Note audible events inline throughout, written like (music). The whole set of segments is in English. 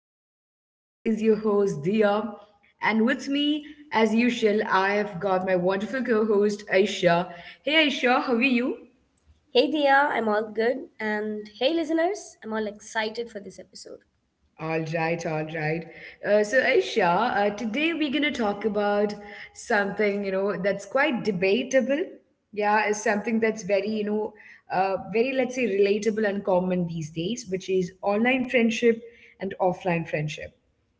podcast. This is your host Dia, and with me, as usual, I've got my wonderful co-host Aisha. Hey Aisha, how are you? Hey Dia, I'm all good. And hey listeners, I'm all excited for this episode. All right, all right. So Aisha, today we're gonna talk about something that's quite debatable. Yeah, it's something that's very very let's say relatable and common these days, which is online friendship and offline friendship.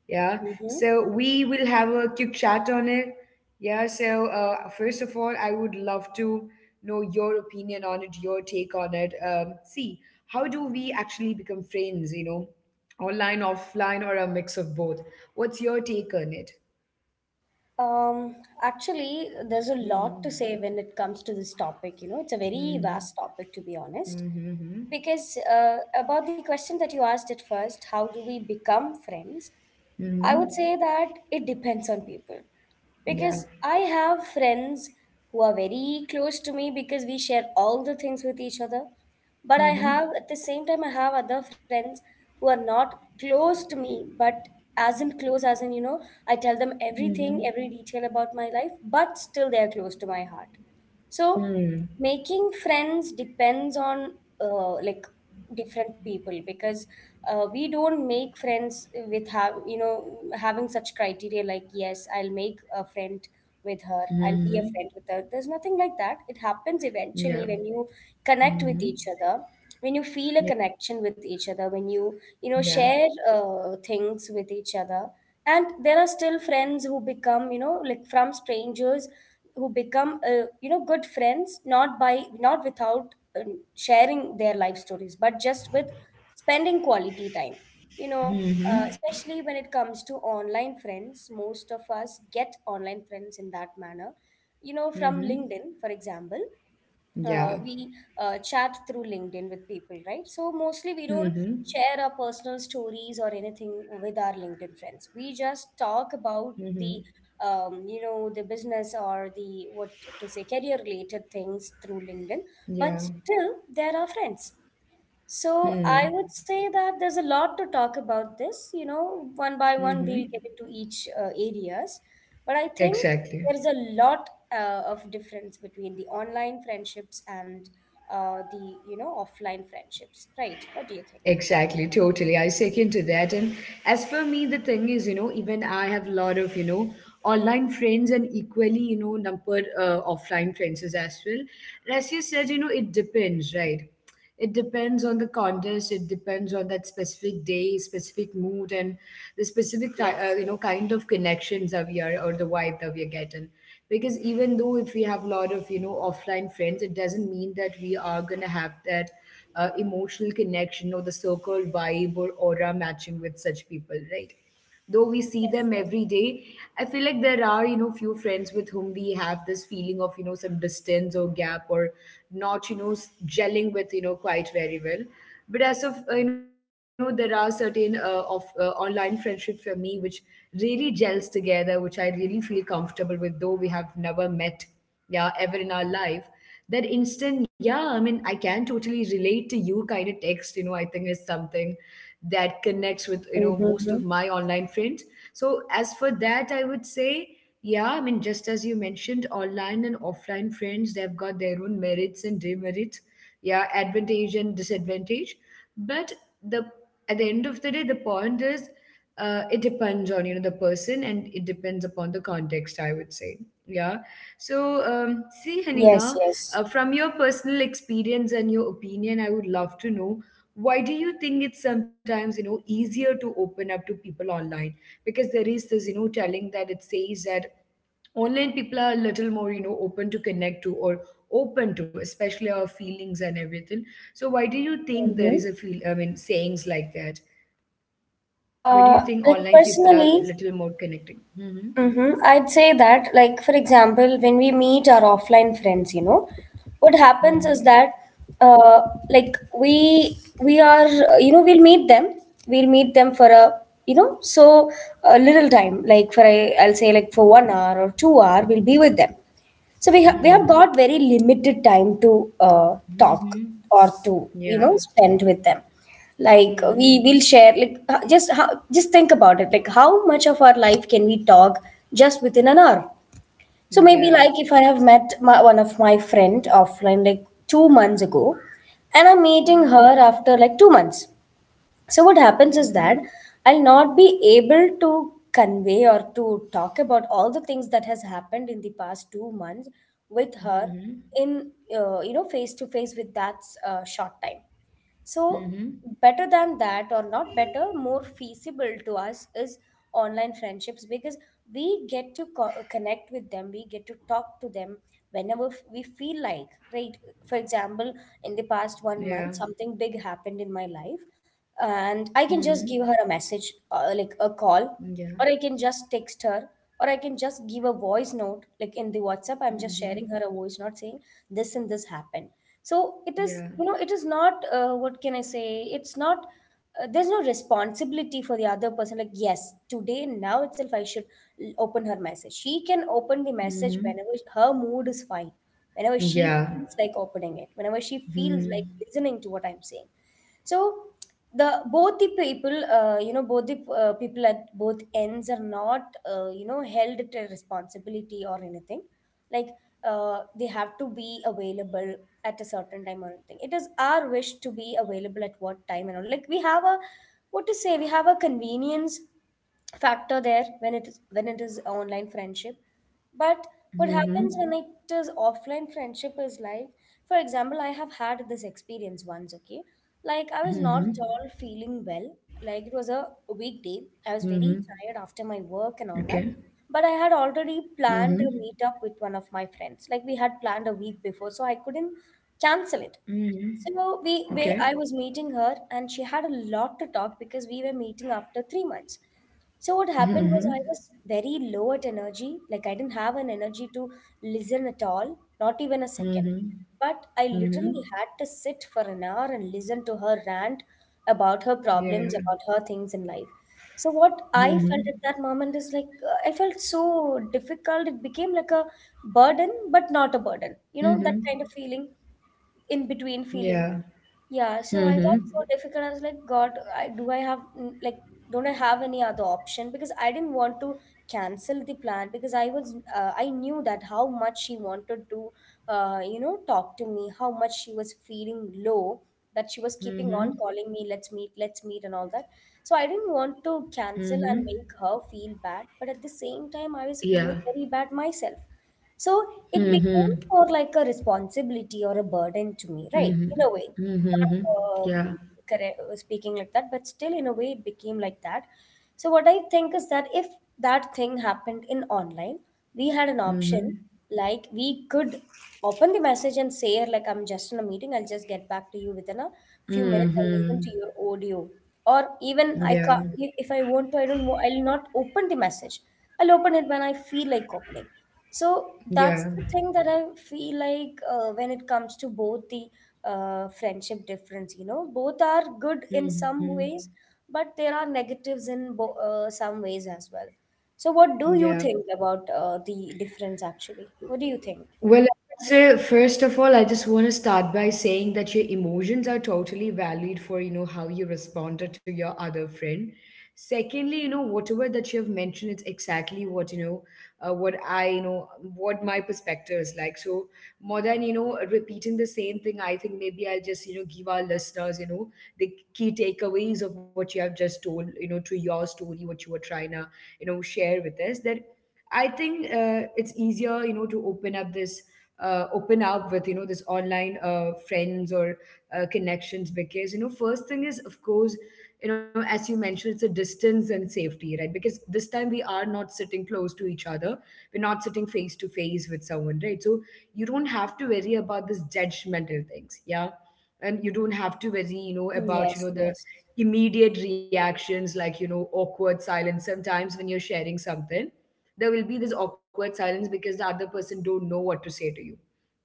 Yeah, Mm-hmm. so we will have a quick chat on it. Yeah, so first of all, I would love to know your opinion on it, your take on it. See, how do we actually become friends, online, offline, or a mix of both? What's your take on it? Um, Actually, there's a lot Hmm. to say when it comes to this topic. You know, it's a very Hmm. vast topic, to be honest. Hmm. Because about the question that you asked at first, how do we become friends? I Hmm. would say that it depends on people Yeah. because I have friends who are very close to me because we share all the things with each other. But I Hmm. have, at the same time, I have other friends who are not close to me, but as in close, as in, you know, I tell them Hmm. everything, every detail about my life, but still they are close to my heart. So Hmm. making friends depends on like different people because we don't make friends with have having such criteria, like, yes, I'll make a friend with her, I'll be a Hmm. friend with her. There's nothing like that. It happens Yeah. eventually when you connect Hmm. with each other, when you feel Yeah. a connection with each other, when you know Yeah. share things with each other. And there are still friends who become, like, from strangers, who become good friends not by not without sharing their life stories, but just with spending quality time. Hmm. Especially when it comes to online friends, most of us get online friends in that manner. From Hmm. LinkedIn, for example, Yeah. we chat through LinkedIn with people, right? So mostly we don't Mm-hmm. share our personal stories or anything with our LinkedIn friends. We just talk about Mm-hmm. the business, or the, what to say, career related things through LinkedIn. Yeah. But still, they're our friends. So I Mm. would say that there's a lot to talk about this. You know, one by one, Mm-hmm. we'll get into each areas. But I think Exactly. there's a lot of difference between the online friendships and the offline friendships, right? What do you think? Exactly, totally. I second to that. And as for me, the thing is, even I have a lot of, online friends and equally, numbered offline friends as well. And as you said, it depends, right? It depends on the contest. It depends on that specific day, specific mood, and the specific, Yes, yes, kind of connections that we are or the vibe that we are getting. Because even though if we have a lot of, offline friends, it doesn't mean that we are gonna have that emotional connection or the circle vibe or aura matching with such people, right? Though we see yes, them yes. every day, I feel like there are, few friends with whom we have this feeling of, some distance or gap or not, gelling with, quite very well. But as of, there are certain of online friendship for me which really gels together, which I really feel comfortable with, though we have never met, yeah, ever in our life. That instant, yeah I mean I can totally relate to you kind of text, I think is something that connects with, most Mm-hmm. of my online friends. So as for that, I would say, yeah, I mean, just as you mentioned, online and offline friends, they've got their own merits and demerits. Yeah, advantage and disadvantage. But the at the end of the day, the point is it depends on the person, and it depends upon the context, I would say. Yeah. So see, Yes, Hanina, yes. From your personal experience and your opinion, I would love to know, why do you think it's sometimes easier to open up to people online? Because there is this telling that it says that online people are a little more open to connect to, or open to especially our feelings and everything. So why do you think there Mm-hmm. is a feel, I mean, sayings like that? Why do you think Like, online people are a personally, little more connecting? Hmm. mm-hmm. I'd say that, like, for example, when we meet our offline friends, you know, what happens is Hmm. that, uh, like, we are, we'll meet them for a, you know, so a little time, I'll say like for 1 hour or 2 hour, we'll be with them. So we have Hmm. got very limited time to talk Hmm. or to, you Yeah. know, spend with them. Like, we Hmm. will share like, just think about it, like, how much of our life can we talk just within an hour? So maybe Yeah. like if I have met one of my friend offline like 2 months ago, and I'm meeting Mm-hmm. her after like 2 months. So what happens is Mhm. that I'll not be able to convey or to talk about all the things that has happened in the past 2 months with her Mhm. in, you know, face to face with that short time. So, Mhm. better than that, or not better, more feasible to us is online friendships because we get to connect with them, we get to talk to them whenever we feel like, right? For example, in the past 1 month, Yeah. something big happened in my life, and I can Mhm. just give her a message, like a call, Yeah. or I can just text her. Or I can just give a voice note, like in the WhatsApp. I'm just sharing Mhm. her a voice note saying this and this happened. So it is, Yeah. you know, it is not what can I say it's not there's no responsibility for the other person, like, yes, today, now itself, I should open her message. She can open the message Mhm. whenever her mood is fine, whenever she Yeah. feels like opening it, whenever she feels like Mhm. listening to what I'm saying. So the both the people, both the people at both ends, are not, you know, held to responsibility or anything, like, they have to be available at a certain time or anything. It is our wish to be available at what time and all. Like, we have a, what to say we have a convenience factor there when it is online friendship. But what happens Mhm. when it is offline friendship is, like, for example, I have had this experience once, okay? Like, I was not at Mhm. all feeling well. Like, it was a weekday. Mhm. I was very tired after my Okay. work and all that. But I had already planned a Mhm. meetup with one of my friends. Like, we had planned a week before, so I couldn't cancel it. Mhm. So we Okay. I was meeting her, and she had a lot to talk because we were meeting after 3 months. So what happened was, Mhm. I was very low at energy. Like, I didn't have an energy to listen at all, not even a second. Mhm. But I Mhm. literally had to sit for an hour and listen to her rant about her Yeah. problems, about her things in life. So what I Mhm. felt at that moment is like, I felt so difficult. It became like a burden, but not a burden. You know, Mhm. that kind of feeling, in between Yeah. feeling. Yeah, so I Mhm. got so difficult. I was like, God, I do I have mm, like, don't I have any other option? Because I didn't want to cancel the plan because I knew that how much she wanted to talk to me, how much she was feeling low, that she was keeping on Mhm. calling me, let's meet, and all that. So I didn't want to Mhm. cancel and make her feel bad, but at the same time, Yeah. I was feeling very bad myself. So Mhm. it Mhm. became more like a responsibility or a burden to me, right? Mhm. In a way, Mhm. not Yeah. Correct, speaking like that, but still, in a way, it became like that. So, what I think is that if that thing happened in online, we had an option, Mhm. like, we could open the message and say, like, I'm just in a meeting, I'll just get back to you within a few minutes, I'll listen to Mhm. your audio. Or, even Yeah. I can, if I want to, I don't know, I'll not open the message. I'll open it when I feel like opening. So Yeah. that's the thing that I feel like, when it comes to both the friendship difference, you know, both are good in some Mhm. ways, but there are negatives in some ways as well. So what do you Yeah. think about, the difference, actually? What do you think? Well, I would say first of all, I just want to start by saying that your emotions are totally valid for how you responded to your other friend. Secondly, whatever that you have mentioned, it's exactly what what I, what my perspective is like. So more than repeating the same thing, I think maybe I'll just give our listeners the key takeaways of what you have just told, to your story, what you were trying to share with us, that I think it's easier, to open up this, open up with, this online friends or connections, because, first thing is, of course, as you mentioned, it's a distance and safety, right? Because this time we are not sitting close to each other. We're not sitting face to face with someone, right? So you don't have to worry about this judgmental things, yeah? And you don't have to worry, about, Yes, the yes. immediate reactions like, awkward silence sometimes when you're sharing something. There will be this awkward silence because the other person don't know what to say to you.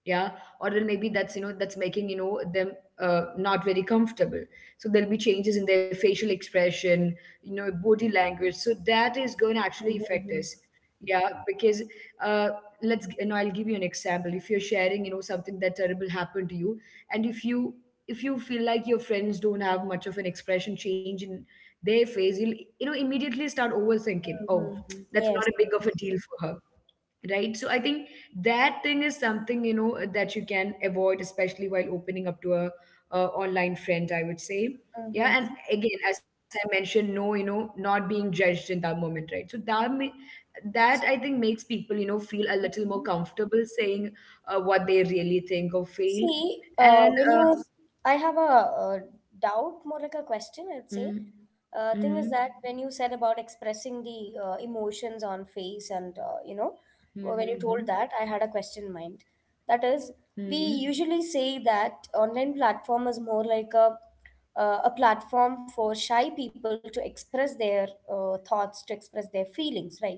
Yeah. Or then maybe that's making them not very comfortable. So there'll be changes in their facial expression, body language, so that is going to actually affect Mhm, us. Yeah. Because uh, let's, I'll give you an example. If you're sharing something that terrible happened to you, and if you feel like your friends don't have much of an expression change in their face, you'll immediately start overthinking, oh, mhm, mhm. that's not Yes, a big of a yes. deal for her, right? So I think that thing is something that you can avoid, especially while opening up to a online friend, I would say. Yeah. And Mhm. again, as I mentioned, no, not being judged in that moment, right? So that I think makes people feel a little more comfortable saying what they really think or feel. See, And I have a, uh doubt, more like a question, I'd say. mm, mm, Thing is that when you said about expressing the emotions on face, and mm, when you told mm, that, I had a question in mind. That is, mm, we mm, usually say that online platform is more like a platform for shy people to express their thoughts, to express their feelings, right?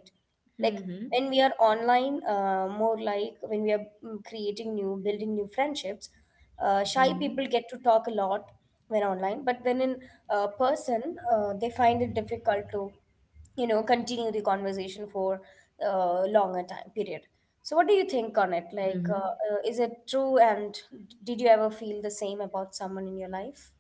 Like, mm, when we are online, more like when we are, creating new building new friendships, shy people mm, get to talk a lot when online, but when in, person, they find it difficult to, you know, continue the conversation for longer time period. So what do you think on it, mm, like, mm. Is it true? And did you ever feel the same about someone in your life?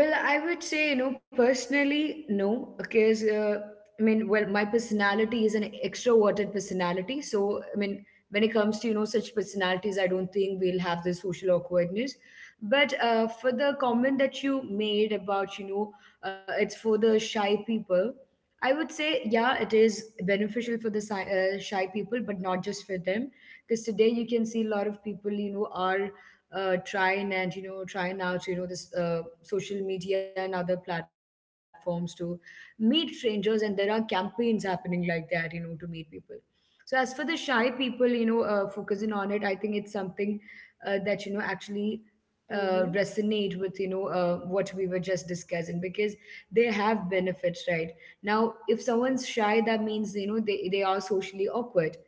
Well, I would say, personally, no, because I mean, well, my personality is an extroverted personality. So, I mean, when it comes to, such personalities, I don't think we'll have the social awkwardness. But for the comment that you made about, it's for the shy people, I would say, yeah, it is beneficial for the shy people, but not just for them. Because today you can see a lot of people, are trying and trying out this social media and other platforms to meet strangers, and there are campaigns happening like that, to meet people. So as for the shy people, focusing on it, I think it's something that actually Mm-hmm. resonate with, what we were just discussing, because they have benefits, right? Now if someone's shy, that means they are socially awkward.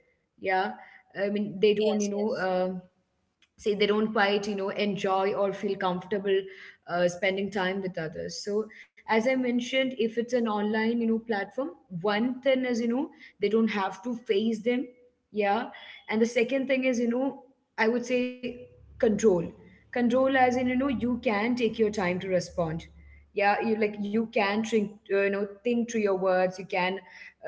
Yeah, I mean, they don't Yes, yes, say, they don't quite enjoy or feel comfortable spending time with others. So as I mentioned, if it's an online platform, one thing is, they don't have to face them. Yeah. And the second thing is, I would say control. Control as in, you can take your time to respond. Yeah, you, like, you can think, think through your words. You can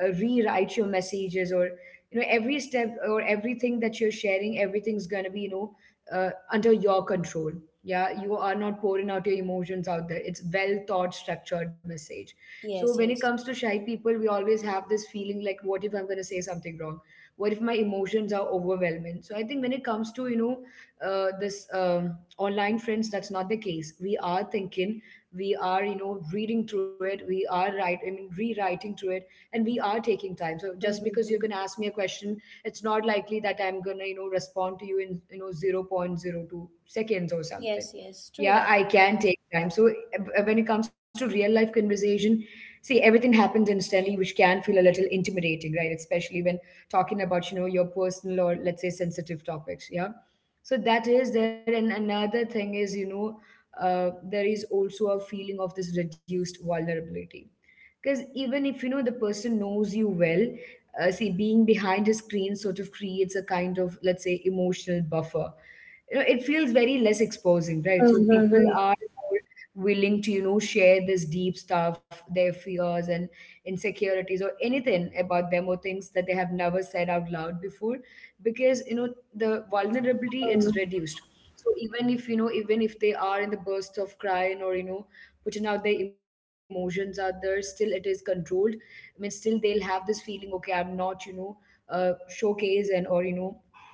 rewrite your messages, or every step or everything that you're sharing, everything's gonna be under your control. Yeah, you are not pouring out your emotions out there. It's well thought, structured message. So when yes, it comes yes. to shy people, we always have this feeling like, what if I'm going to say something wrong? What if my emotions are overwhelming? So I think when it comes to, this online friends, that's not the case. We are thinking, we are reading through it, we are right, I mean rewriting through it, and we are taking time. So just because you can Mm-hmm. ask me a question, it's not likely that I'm gonna, respond to you in, zero point zero 0.02 seconds or something. Yes, yes, true Yeah, that. I can take time. So when it comes to real life conversation, see, everything happens instantly, which can feel a little intimidating, right? Especially when talking about, your personal or, let's say, sensitive topics. Yeah, so that is there. And another thing is, there is also a feeling of this reduced vulnerability, because even if, the person knows you well. See, being behind a screen sort of creates a kind of, let's say, emotional buffer. It feels very less exposing, right? So people Mm-hmm. are more willing to, share this deep stuff, their fears and insecurities, or anything about them, or things that they have never said out loud before, because, the vulnerability, it's reduced. So even if, they are in the burst of crying, or, putting out their emotions out there, still it is controlled. I mean, still they'll have this feeling, okay, I'm not, showcase and, or, you know,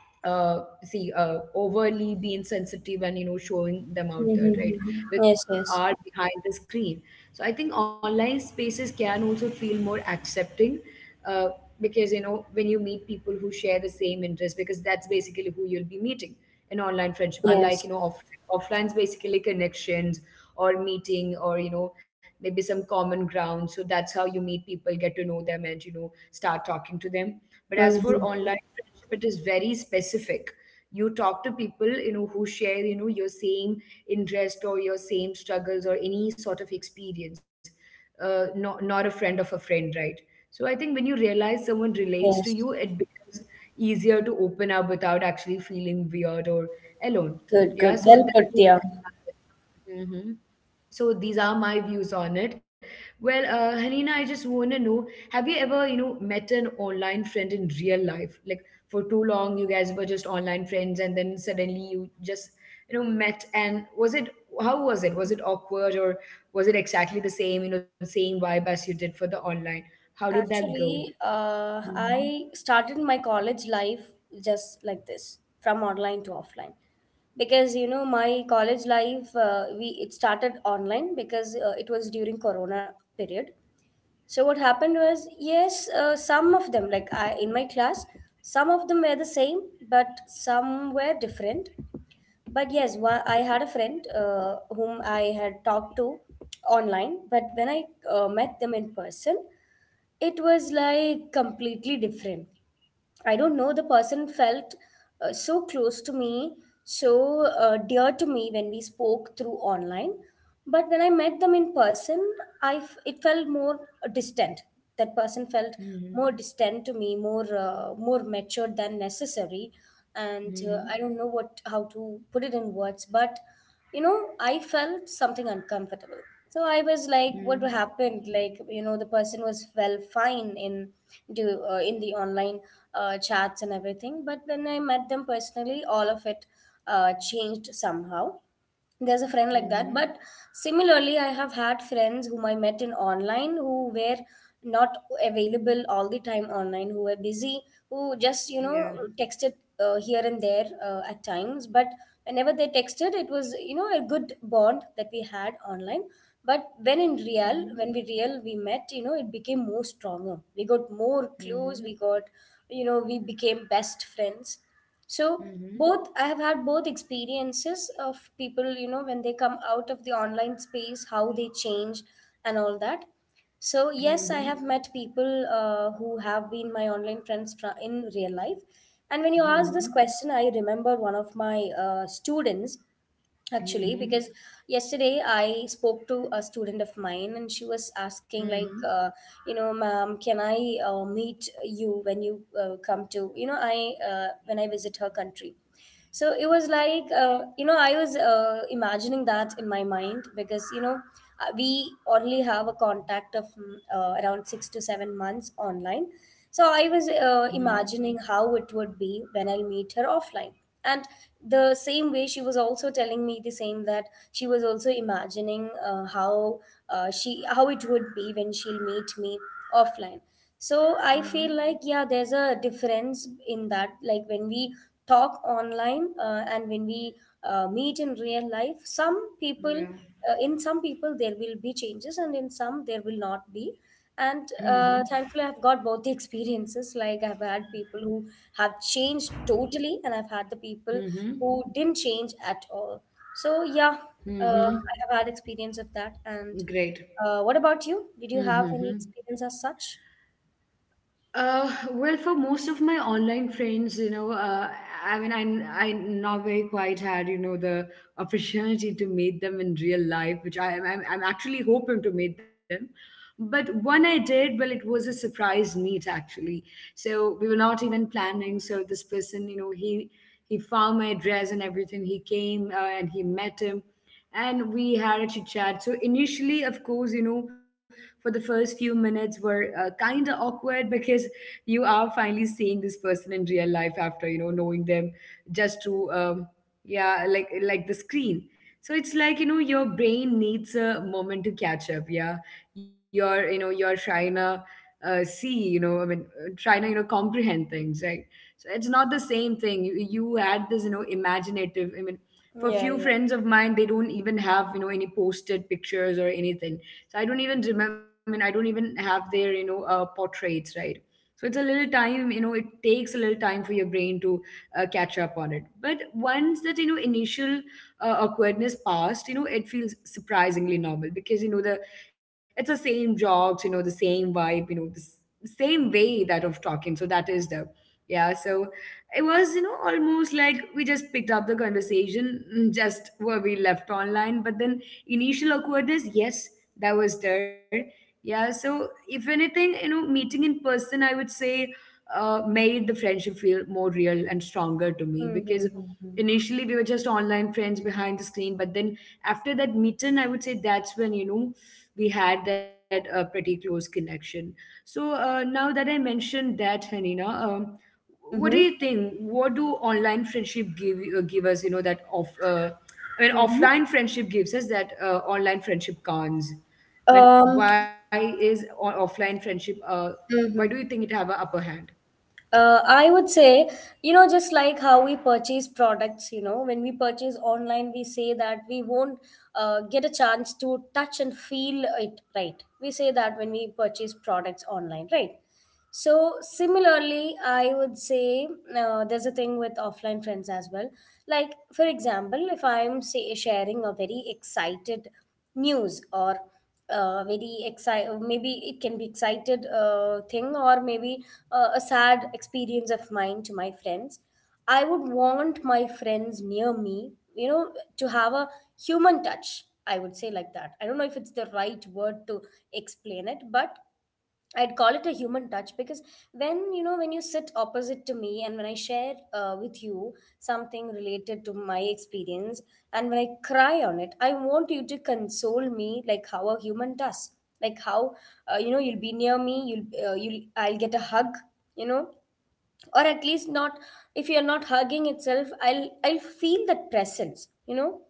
uh, see, overly being sensitive, and, showing them out Mm-hmm. there, right? Because Yes, yes, we are behind the screen. So I think online spaces can also feel more accepting, uh, because, when you meet people who share the same interest, because that's basically who you'll be meeting in online friendship, unlike, yes. Offline's basically connections, or meeting, or, maybe some common ground. So that's how you meet people, get to know them, and, start talking to them. But as for Mm-hmm. online friendship, it is very specific. You talk to people, who share, your same interest, or your same struggles, or any sort of experience. Not a friend of a friend, right? So I think when you realize someone relates to Yes. you, it becomes easier to open up without actually feeling weird or alone. Good, Yeah, good. so Well that put is. there. Mm-hmm. So these are my views on it. Well, Hanina, I just want to know, have you ever, met an online friend in real life? Like, for too long, you guys were just online friends, and then suddenly you just, met. And was it how was it? Was it awkward, or was it exactly the same? You know, the same vibe as you did for the online. How did that go? Actually, Hmm. I started my college life just like this, from online to offline. Because, you know, my college life, we it started online because it was during Corona period. So what happened was, yes, some of them, like I in my class, some of them were the same, but some were different. But yes, I had a friend whom I had talked to online, but when I met them in person, it was like completely different. I don't know, the person felt so close to me, so dear to me when we spoke through online. But when I met them in person, it felt more distant. That person felt Hmm. more distant to me, more more matured than necessary. And Hmm. I don't know what how to put it in words, but, you know, I felt something uncomfortable. So I was like, what Hmm. happened? Like, you know, the person was well fine in do in the online chats and everything, but when I met them personally, all of it changed somehow. There's a friend like that, Hmm. but similarly I have had friends whom I met in online who were not available all the time online, who were busy, who just Yeah. texted here and there at times, but whenever they texted, it was, you know, a good bond that we had online. But when in Hmm. real, when we met, you know, it became more stronger, we got more Hmm. clues, we got, you know, we became best friends. So Hmm. both, I have had both experiences of people, you know, when they come out of the online space, how they change and all that. So yes, I Hmm. have met people who have been my online friends, in real life. And when you ask this Hmm. question, I remember one of my students actually, Mhm. because yesterday I spoke to a student of mine, and she was asking, Mhm. like, you know, ma'am, can I meet you when you come to, you know, I when I visit her country. So it was like, you know, I was imagining that in my mind, because, you know, we only have a contact of around 6 to 7 months online. So I was Mhm. imagining how it would be when I'll meet her offline. And the same way, she was also telling me the same, that she was also imagining how she how it would be when she'll meet me offline. So I feel Mhm. like, yeah, there's a difference in that, like when we talk online and when we meet in real life, some people, Yeah. In some people there will be changes, and in some there will not be. And Mhm. Thankfully I've got both the (laughs) experiences, like I've had people who have changed totally, and I've had the people Mhm. who didn't change at all. So yeah, Mhm. I have had experience of that. And Great. What about you? Did you have Mhm. any experience as such? Well, for most of my online friends, I mean, I not very quite had, the opportunity to meet them in real life, which I, I'm actually hoping to meet them. But one I did, well, it was a surprise meet actually. So we were not even planning. So this person, he found my address and everything. He came, and he met him, and we had a chit chat. So initially, of course, you know, for the first few minutes were, kind of awkward, because you are finally seeing this person in real life after, knowing them, just to, yeah, like the screen. So it's like, your brain needs a moment to catch up. Yeah, you're trying to, see, I mean, trying to, comprehend things, right. So it's not the same thing. You had this, imaginative, I mean, for a Yeah, few yeah. friends of mine, they don't even have, any posted pictures or anything. So I don't even have their, portraits, right? So it takes a little time for your brain to, catch up on it. But once that, initial, awkwardness passed, it feels surprisingly normal, because, you know the it's the same jokes, the same vibe, same way that of talking, so that is the. Yeah, so it was, almost like we just picked up the conversation, just where we left online. But then, initial awkwardness, yes, that was there. Yeah, so if anything, meeting in person, I would say, made the friendship feel more real and stronger to me, because Mm-hmm. Mm-hmm. initially we were just online friends behind the screen, but then after that meeting, I would say, that's when, we had that, pretty close connection. So, now that I mentioned that, Hanina, what do Mm-hmm. you think, what do online friendship give you- give us, that off, I mean offline friendship gives us, that, online friendship cons— when, Um, why offline friendship, why do you think hmm. it have a upper hand? I would say, you know, just like how we purchase products, you know, when we purchase online, we say that we won't get a chance to touch and feel it, right? We say that when we purchase products online, right? So similarly, I would say there's a thing with offline friends as well. Like for example, if I'm say sharing a very excited news or very excited, maybe it can be excited thing, or maybe a sad experience of mine to my friends. I would want my friends near me, you know, to have a human touch. I would say like that. I don't know if it's the right word to explain it, but I'd call it a human touch because when you sit opposite to me and when I share with you something related to my experience, and when I cry on it, I want you to console me like how a human does, like how, you know, you'll be near me, you'll I'll get a hug, you know, or at least not, if you're not hugging itself, I'll feel that presence, you know.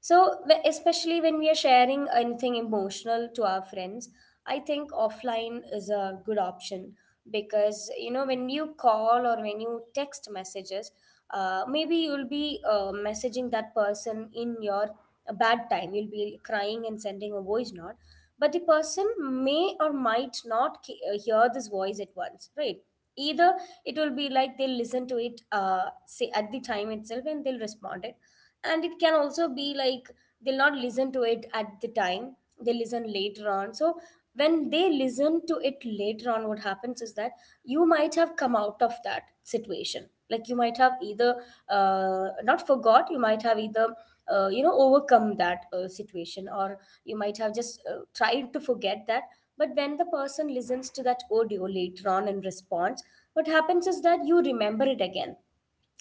So, especially when we are sharing anything emotional to our friends, I think offline is a good option, because, you know, when you call or when you text messages, maybe you'll be messaging that person in your bad time. You'll be crying and sending a voice note, but the person may or might not hear this voice at once, right? Either it will be like they'll listen to it say at the time itself and they'll respond it, and it can also be like they'll not listen to it at the time, they listen later on. So when they listen to it later on, what happens is that you might have come out of that situation, like you might have either not forgot you might have either you know, overcome that situation, or you might have just tried to forget that. But when the person listens to that audio later on and responds, what happens is that you remember it again.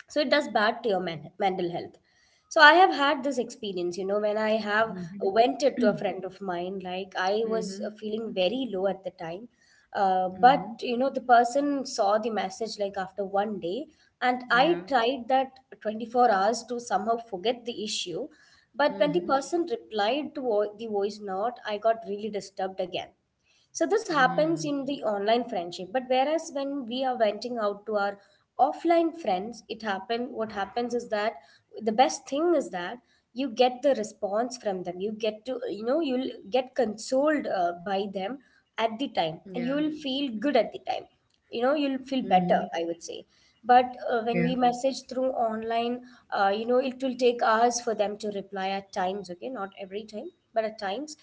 So it does bad to your mental health. So I have had this experience, you know, when I have Mm-hmm. vented to a (clears throat) friend of mine, like I was Mm-hmm. Feeling very low at the time, Mm-hmm. but, you know, the person saw the message like after 1 day, and I Yeah. tried that 24 hours to somehow forget the issue. But when the Mhm. person replied to the voice note, I got really disturbed again. So this Mhm. happens in the online friendship. But whereas when we are venting out to our offline friends, it happen what happens is that the best thing is that you get the response from them, you get to, you know, you'll get consoled by them at the time, Yeah. and you will feel good at the time, you know, you'll feel Mhm. better, I would say. But Yeah. When we message through online, you know, it will take hours for them to reply at times, okay, not every time but at times.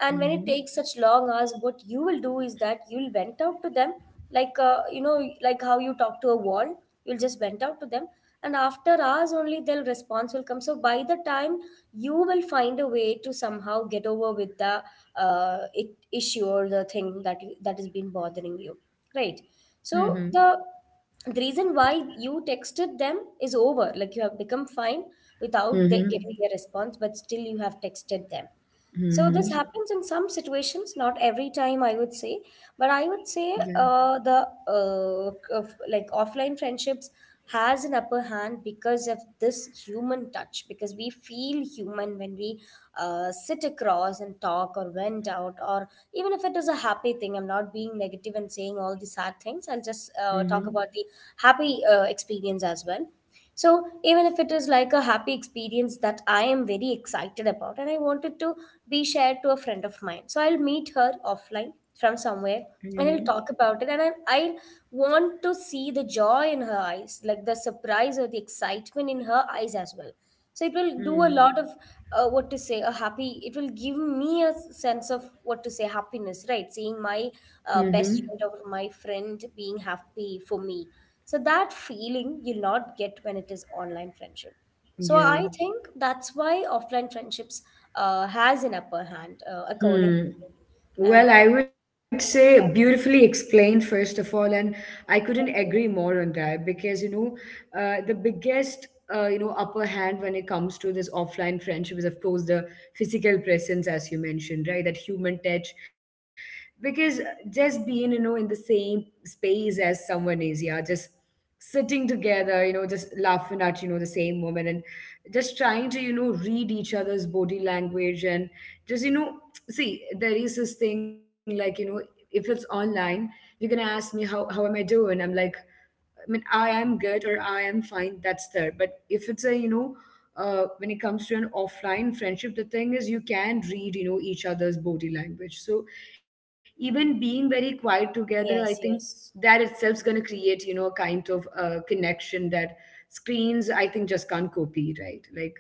And when it Mhm. takes such long hours, what you will do is that you'll vent out to them, like, you know, like how you talk to a wall, you'll just vent out to them, and after hours only their response will come. So by the time, you will find a way to somehow get over with the issue or the thing that that has been bothering you, right? Mhm. So the reason why you texted them is over, like you have become fine without they getting Mhm. their response, but still you have texted them. So this Mhm. happens in some situations, not every time, I would say. But I would Yeah. say like offline friendships has an upper hand because of this human touch, because we feel human when we sit across and talk or vent out, or even if it is a happy thing. I'm not being negative and saying all the sad things. I'll just talk Mhm. about the happy experience as well. So even if it is like a happy experience that I am very excited about and I wanted to be shared to a friend of mine. So I'll meet her offline from somewhere Mhm. and I'll talk about it. And I want to see the joy in her eyes, like the surprise or the excitement in her eyes as well. So it will do a Mhm. lot of what to say, a happy, it will give me a sense of what to say, happiness, right? Seeing my Mhm. best friend or my friend being happy for me. So that feeling you'll not get when it is online friendship. So Yeah. I think that's why offline friendships has an upper hand, according. Hmm. And Well, I would say, yeah, beautifully explained, first of all. And I couldn't agree thank you. more on that, because, the biggest, upper hand when it comes to this offline friendship is, of course, the physical presence, as you mentioned, right? That human touch. Because just being, in the same space as someone is, yeah, just sitting together, just laughing at, the same moment, and just trying to, read each other's body language, and just, see, there is this thing like, if it's online, you're gonna ask me, how am I doing. I'm like, I mean, I am good or I am fine, that's there. But if it's a, when it comes to an offline friendship, the thing is, you can read, each other's body language. So even being very quiet together, I think Yes, that yes. itself is going to create, a kind of, connection that screens, I think, just can't copy, right? Like,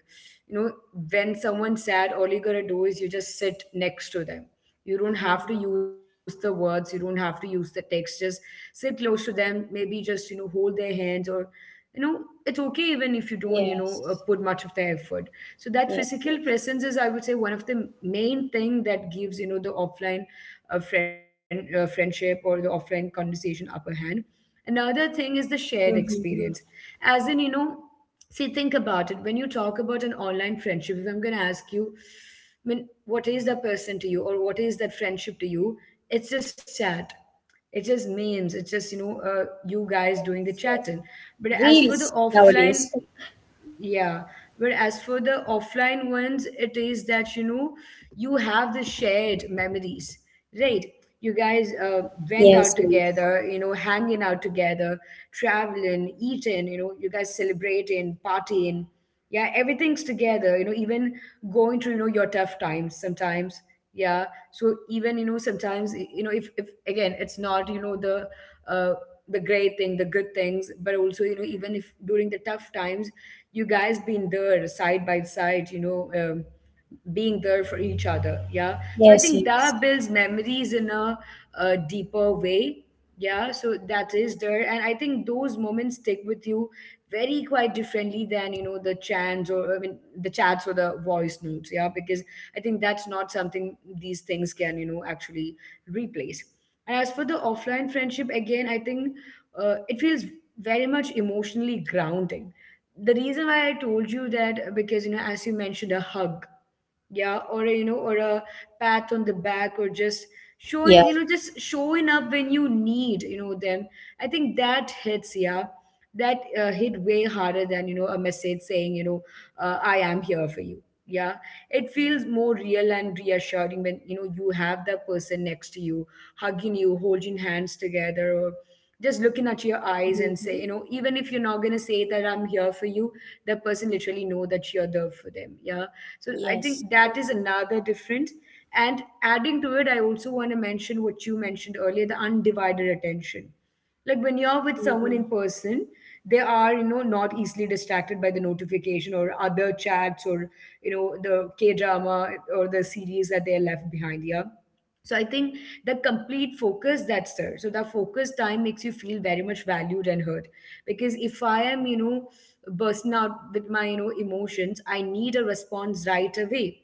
you know, when someone's sad, all you're going to do is you just sit next to them. You don't have to Mm-hmm. use the words, you don't have to use the texts, sit close to them, maybe just, hold their hands, or, you know, it's okay even if you don't, Yes, put much of the effort. So that yes, yes. physical presence is, I would say, one of the main thing that gives, the offline, friendship or the offline conversation upper hand. Another thing is the shared Mm-hmm. experience. Yes, As in, you know, see, think about it. When you talk about an online friendship, if I'm going to ask you, I mean, what is that person to you, or what is that friendship to you? It's just chat. It's just memes. It's just, you guys doing the chatting. yes. But as for the Reels nowadays. offline, yeah. But as for the offline ones, it is that, you know, you have the shared memories. Right. You guys, went Yes, out yes, together, hanging out together, traveling, eating, you guys celebrating, partying. Yeah, everything's together, even going through, your tough times sometimes. Yeah. So even, sometimes, if again, it's not, uh, the great thing, the good things, but also, even if during the tough times, you guys been there side by side, being there for each other. Yeah, so I yes, think yes. that builds memories in a deeper way. Yeah, so that is there. And I think those moments stick with you very quite differently than, the chants, or I mean the chats, or the voice notes. Yeah, because I think that's not something these things can, actually replace. And as for the offline friendship, again I think, it feels very much emotionally grounding. The reason why I told you that, because, as you mentioned, a hug, yeah, or a pat on the back, or just Yeah. Showing up when you need, them. I think that hits, yeah, that, hit way harder than, a message saying, I am here for you. Yeah, it feels more real and reassuring when, you have that person next to you, hugging you, holding hands together, or just looking at your eyes and say, Mm-hmm. Even if you're not going to say that I'm here for you, the person literally know that you're there for them. Yeah, so I Yes. think that is another difference. And adding to it, I also want to mention what you mentioned earlier, the undivided attention. Like, when you're with someone Mm-hmm. in person, they are, not easily distracted by the notification or other chats, or, the K drama, or the series that they're left behind. Yeah, so I think the complete focus that's there, so that focus time makes you feel very much valued and heard. Because if I am, bursting out with my, emotions, I need a response right away.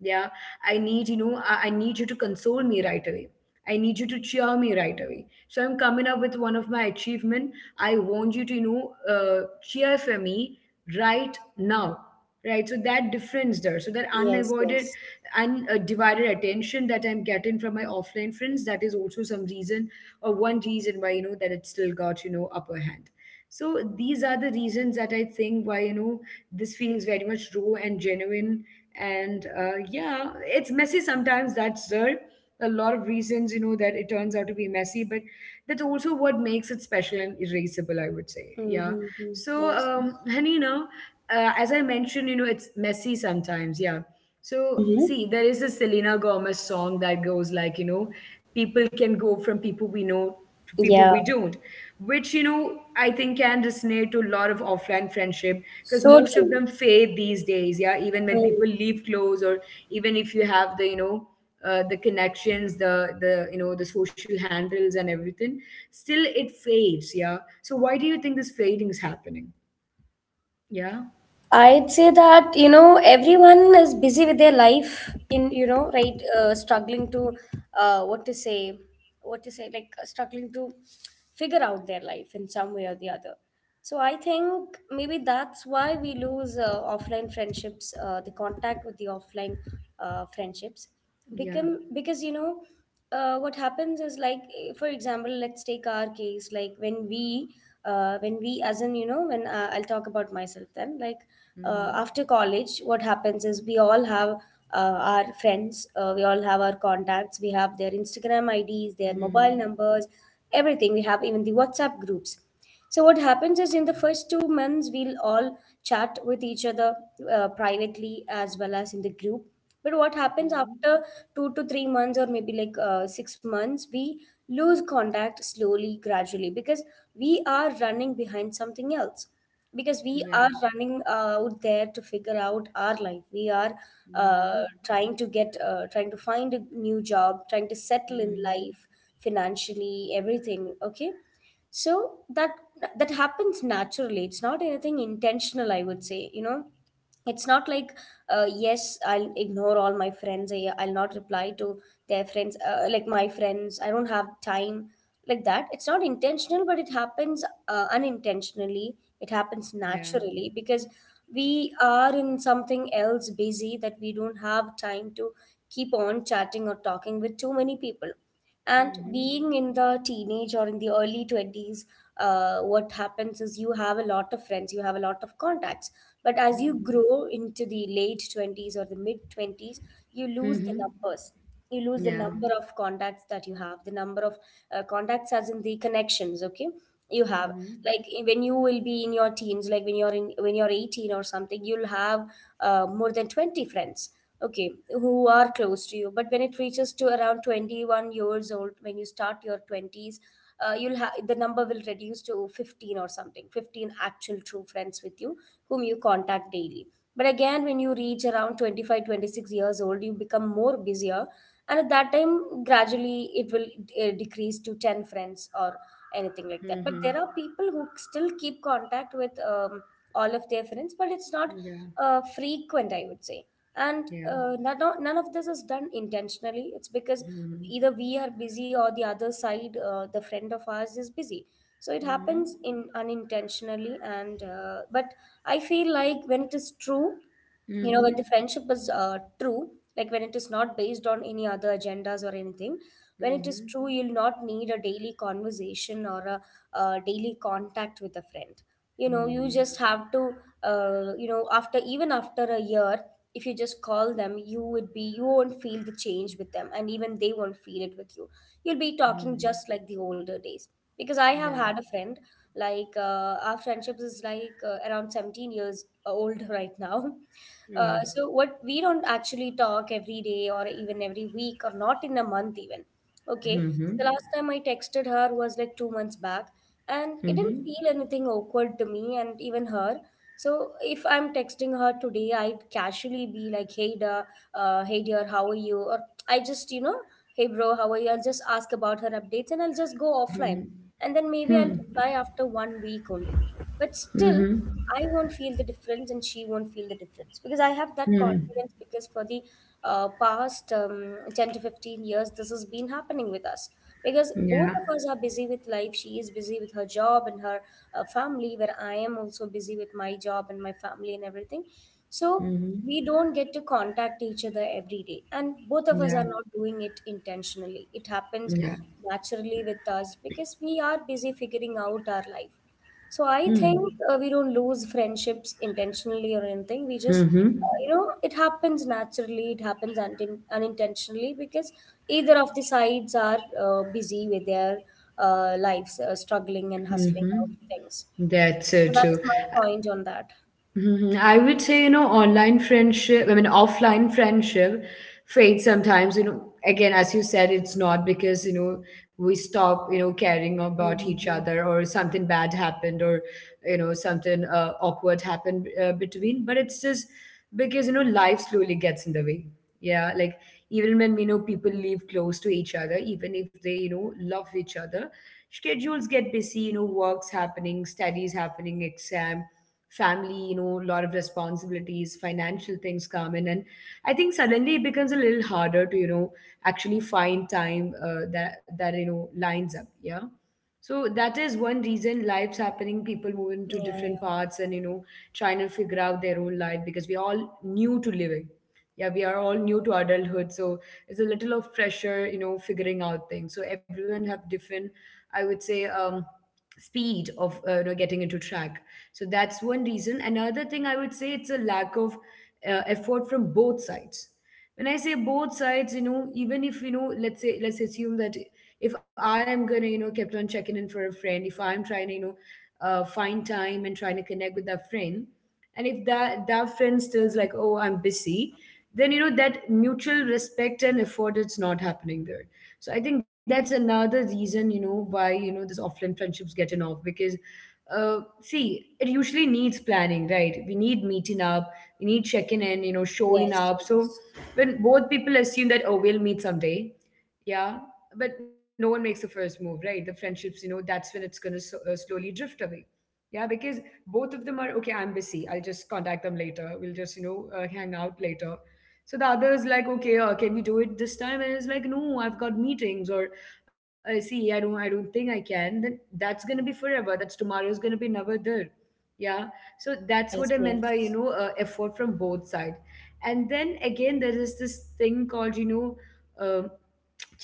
Yeah, I need you to console me right away. I need you to cheer me right away. So I'm coming up with one of my achievement, I want you to, cheer for me right now, right? So that difference there. So that Yes, unavoided yes. undivided attention that I'm getting from my offline friends, that is also some reason or one reason why, that it still got, upper hand. So these are the reasons that I think why, this feels very much raw and genuine. And, yeah, it's messy sometimes. That's there. A lot of reasons, you know, that it turns out to be messy, but that's also what makes it special and erasable. I would say, yeah. Mm-hmm. So, Yes, yes. Hanina, as I mentioned, you know, it's messy sometimes. Yeah. So, Mm-hmm. see, there is a Selena Gomez song that goes like, you know, people can go from people we know to people Yeah. we don't, which you know I think can resonate to a lot of offline friendship, because So most of true. them fade these days. Yeah. Even when people Mm-hmm. leave close, or even if you have the, you know, the connections, the you know, the social handles and everything, still it fades. Yeah. So why do you think this fading is happening? Yeah. I'd say that, you know, everyone is busy with their life in, you know, right, struggling to uh, what to say what to say like struggling to figure out their life in some way or the other. So I think maybe that's why we lose offline friendships, the contact with the offline friendships Yeah. become, because, you know, what happens is like, for example, let's take our case, like when we as in, you know, when I'll talk about myself then, like Mm-hmm. after college, what happens is we all have our friends, we all have our contacts, we have their Instagram ids, their mobile Mm-hmm. numbers, everything we have, even the WhatsApp groups. So what happens is, in the first 2 months we'll all chat with each other privately as well as in the group. But what happens Mm-hmm. after 2 to 3 months or maybe like 6 months, we lose contact slowly, gradually because we are running behind something else because we Yeah. are running out there to figure out our life. We are Mm-hmm. Trying to find a new job, trying to settle in Mm-hmm. life financially, everything okay. So that happens naturally. It's not anything intentional, I would say, you know. It's not like, yes, I'll ignore all my friends. I'll not reply to their friends, like, my friends, I don't have time, like that. It's not intentional, but it happens unintentionally. It happens Yeah. naturally because we are in something else busy, that we don't have time to keep on chatting or talking with too many people. And Mm-hmm. being in the teenage or in the early 20s, what happens is you have a lot of friends, you have a lot of contacts. But as you Mm-hmm. grow into the late 20s or the mid 20s, you lose the Mm-hmm. numbers. You lose the Yeah. number of contacts that you have, the number of contacts, as in the connections, okay? You have Mm-hmm. like, when you will be in your teens, like when you're 18 or something, you'll have more than 20 friends, okay, who are close to you. But when it reaches to around 21 years old, when you start your 20s, you'll have the number will reduce to 15 or something, 15 actual true friends with you whom you contact daily. But again, when you reach around 25, 26 years old, you become more busier. And at that time, gradually it will decrease to 10 friends or anything like that. But Mm-hmm. there are people who still keep contact with all of their friends, but it's not Yeah, frequent, I would say. And yeah. None of this is done intentionally. It's because Mm-hmm. either we are busy or the other side, the friend of ours is busy. So it Mm-hmm. happens in unintentionally, and but I feel like when it is true, you know, when the Mm-hmm. friendship is true, like when it is not based on any other agendas or anything, when it is Mm-hmm. true, you'll not need a daily conversation or a daily contact with a friend. You know, you Mm-hmm. just have to, after even after a year, if you just call them, you would be you won't feel the change with them, and even they won't feel it with you. You'll be talking Mm-hmm. just like the older days, because I Yeah. have had a friend, like, our friendships is like around 17 years old (laughs) right now. Uh, So what, we don't actually talk every day or even every week or not in a month even. Okay. mm-hmm. The last time I texted her was like 2 months back, and it didn't Mm-hmm. feel anything awkward to me and even her. So if I'm texting her today, I'd casually be like, hey, dear, how are you? Or I just, you know, hey, bro, how are you? I'll just ask about her updates and I'll just go offline. Mm-hmm. And then maybe I'll reply after one week only. But still, Mm-hmm. I won't feel the difference and she won't feel the difference, because I have that Mm-hmm. confidence, because for the past 10 to 15 years, this has been happening with us, because both Yeah. of us are busy with life. She is busy with her job and her family, where I am also busy with my job and my family and everything. So Mm-hmm. we don't get to contact each other every day, and both of us Yeah. are not doing it intentionally. It happens Yeah. naturally with us because we are busy figuring out our life. So I Mm-hmm. think we don't lose friendships intentionally or anything. We just, Mm-hmm. You know, it happens naturally. It happens unintentionally because either of the sides are busy with their lives, struggling and hustling out Mm-hmm. things. That's so So that is true. my point on that. Mhm. I would say, you know, online friendship, I mean, offline friendship fades sometimes. You know, again, as you said, it's not because, you know, we stop, you know, caring about each Mm-hmm. other, or something bad happened, or, you know, something awkward happened between, but it's just because, you know, life slowly gets in the way. Yeah. Like, even when we know people live close to each other, even if they, you know, love each other, schedules get busy, you know, work's happening, studies happening, exam, family, you know, a lot of responsibilities, financial things come in. And I think suddenly it becomes a little harder to, you know, actually find time you know, lines up. Yeah. So that is one reason, life's happening, people move into Yeah, different yeah. parts and, you know, trying to figure out their own life because we're all new to living. Yeah, we are all new to adulthood, so it's a little of pressure, you know, figuring out things. So everyone have different, I would say, speed of you know, getting into track. So that's one reason. Another thing I would say, it's a lack of effort from both sides. When I say both sides, you know, even if, you know, let's say, let's assume that if I am gonna, you know, kept on checking in for a friend, if I'm trying to, you know, find time and trying to connect with that friend, and if that friend stills like, oh, I'm busy, then you know that mutual respect and effort is not happening there. So I think that's another reason, you know, why, you know, this offline friendships getting off, because see, it usually needs planning, right? We need meeting up, we need checking in, you know, showing Yes, up. So yes, when both people assume that, oh, we'll meet someday. Yeah. But no one makes the first move, right? The friendships, you know, that's when it's going to, so, slowly drift away. Yeah. Because both of them are, okay, I'm busy, I'll just contact them later, we'll just, you know, hang out later. So the other is like, okay, can we do it this time? And it's like, no, I've got meetings, or I see, I don't think I can, then that's going to be forever, that's tomorrow's going to be never there. Yeah. So that's what I yes, meant by, you yes. know, effort from both sides. And then again, there is this thing called, you know, uh,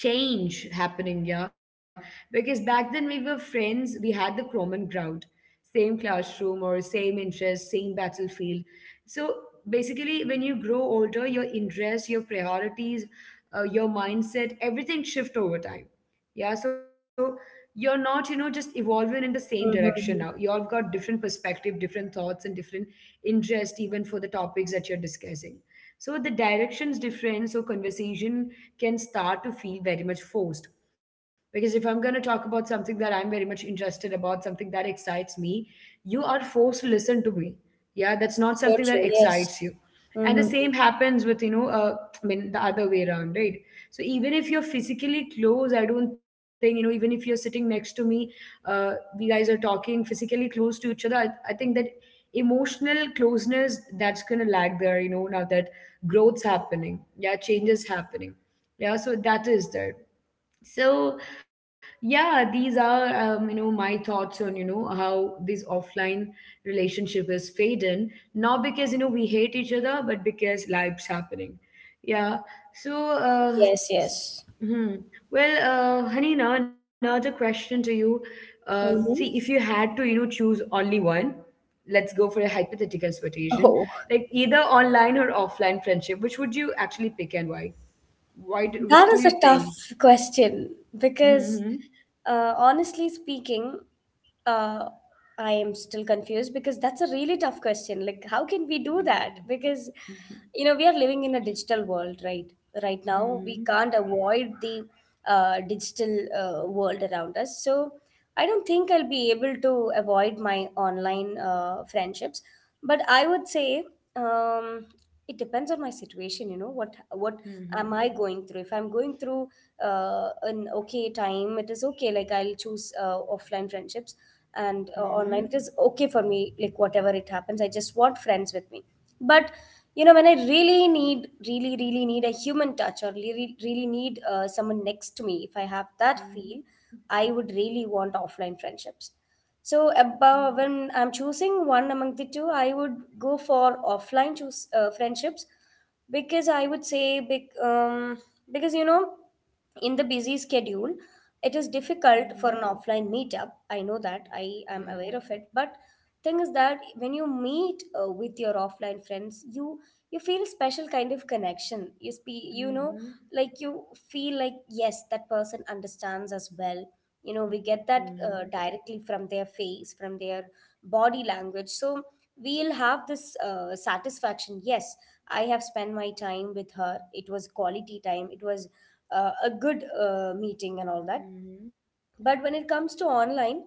change happening. Yeah. Because back then we were friends, we had the common ground, same classroom or same interest, same battlefield. So basically, when you grow older, your interests, your priorities, your mindset, everything shift over time. Yeah. So you're not, you know, just evolving in the same direction, now Mm-hmm. you've got different perspective, different thoughts and different interest even for the topics that you're discussing. So the direction's different, so conversation can start to feel very much forced, because if I'm going to talk about something that I'm very much interested about, something that excites me, you are forced to listen to me. Yeah. That's not So something that true. Yes. excites you. And the Mm-hmm. same happens with, you know, I mean, the other way around, right? So even if you're physically close, I don't think, you know, even if you're sitting next to me, uh, we guys are talking physically close to each other, I think that emotional closeness, that's going to lag there, you know, now that growth's happening. Yeah. Changes happening. Yeah. So that is there. So yeah, these are you know, my thoughts on, you know, how this offline relationship is fading, not because, you know, we hate each other, but because life's happening. Yeah. So Yes, s- yes. hmm. Well, Hanina, another question to you. See, if Mm-hmm. you had to, you know, choose only one, let's go for a hypothetical situation, Oh. like either online or offline friendship, which would you actually pick and why? That Which is do a you think? tough question, because Mhm. Honestly speaking, uh, I am still confused, because that's a really tough question. Like, how can we do that? Mhm. Because, Mhm. you know, we are living in a digital world, right? Right now, we Mhm. can't avoid the digital world around us. So, I don't think I'll be able to avoid my online friendships. But I would say, um, it depends on my situation. You know what am I Mhm. going through. If I'm going through an okay time, it is okay, like, I'll choose offline friendships, and online, it Mhm. is okay for me, like whatever it happens, I just want friends with me. But you know, when I really need, really really need a human touch, or really really need someone next to me, if I have that feel, Mhm. I would really want offline friendships. So above, Mhm. when I'm choosing one among the two, I would go for offline choose friendships, because I would say, because you know, in the busy schedule, it is difficult for Mhm. an offline meetup. I know that, I am Yeah. aware of it, but thing is that when you meet with your offline friends, you feel a special kind of connection. You know, Mhm. like, you feel like, yes, that person understands us well. You know, we get that Mhm. Directly from their face, from their body language. So we'll have this satisfaction. Yes, I have spent my time with her. It was quality time. It was a good meeting and all that. Mhm. But when it comes to online,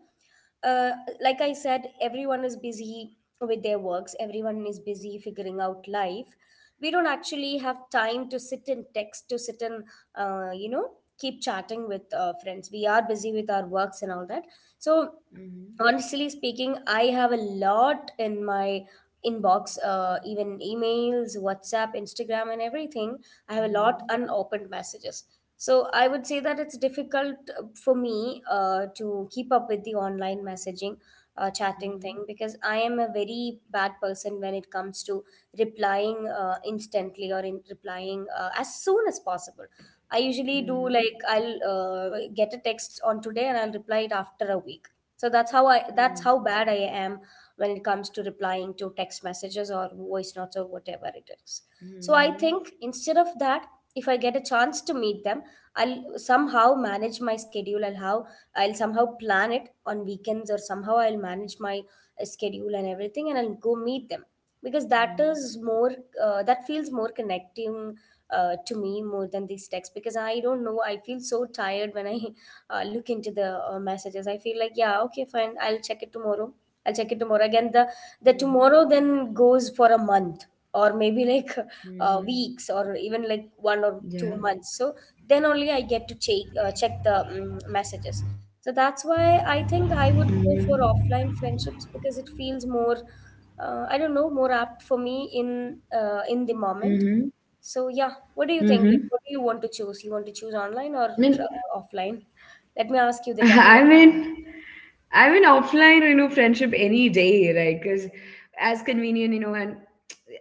uh, like I said, everyone is busy with their works, everyone is busy figuring out life. We don't actually have time to sit and text, to sit and uh, you know keep chatting with friends. We are busy with our works and all that. So Mhm. honestly speaking, I have a lot in my inbox, even emails, WhatsApp, Instagram, and everything. I have a lot Mhm. unopened messages. So I would say that it's difficult for me to keep up with the online messaging, chatting thing, because I am a very bad person when it comes to replying instantly, or in replying as soon as possible. I usually Mhm. do, like, Mhm. I'll get a text on today and I'll reply it after a week. So that's how Mhm. bad I am when it comes to replying to text messages or voice notes or whatever it is. So I think Mhm. instead of that, if I get a chance to meet them, I'll somehow manage my schedule. I'll somehow plan it on weekends, or somehow I'll manage my schedule and everything, and I'll go meet them, because Mhm. That feels more connecting to me, more than these texts, because I don't know, I feel so tired when I look into the messages. I feel like, yeah, okay, fine, I'll check it tomorrow, I'll check it tomorrow. Again, the Mhm. the tomorrow then goes for a month, or maybe like (laughs) Mhm. weeks or even like one or two Yeah. months So then only I get to check the messages. So that's why I Mhm. think I would go for offline friendships, because it feels more, I don't know, more apt for me in the Mhm. moment. So yeah, what do you think? Mhm. Like, what do you want to choose? You want to choose online or I mean, offline? Let me ask you (laughs) the tough I one. mean, I mean offline, you know, friendship any day, right? Because as convenient, you know, and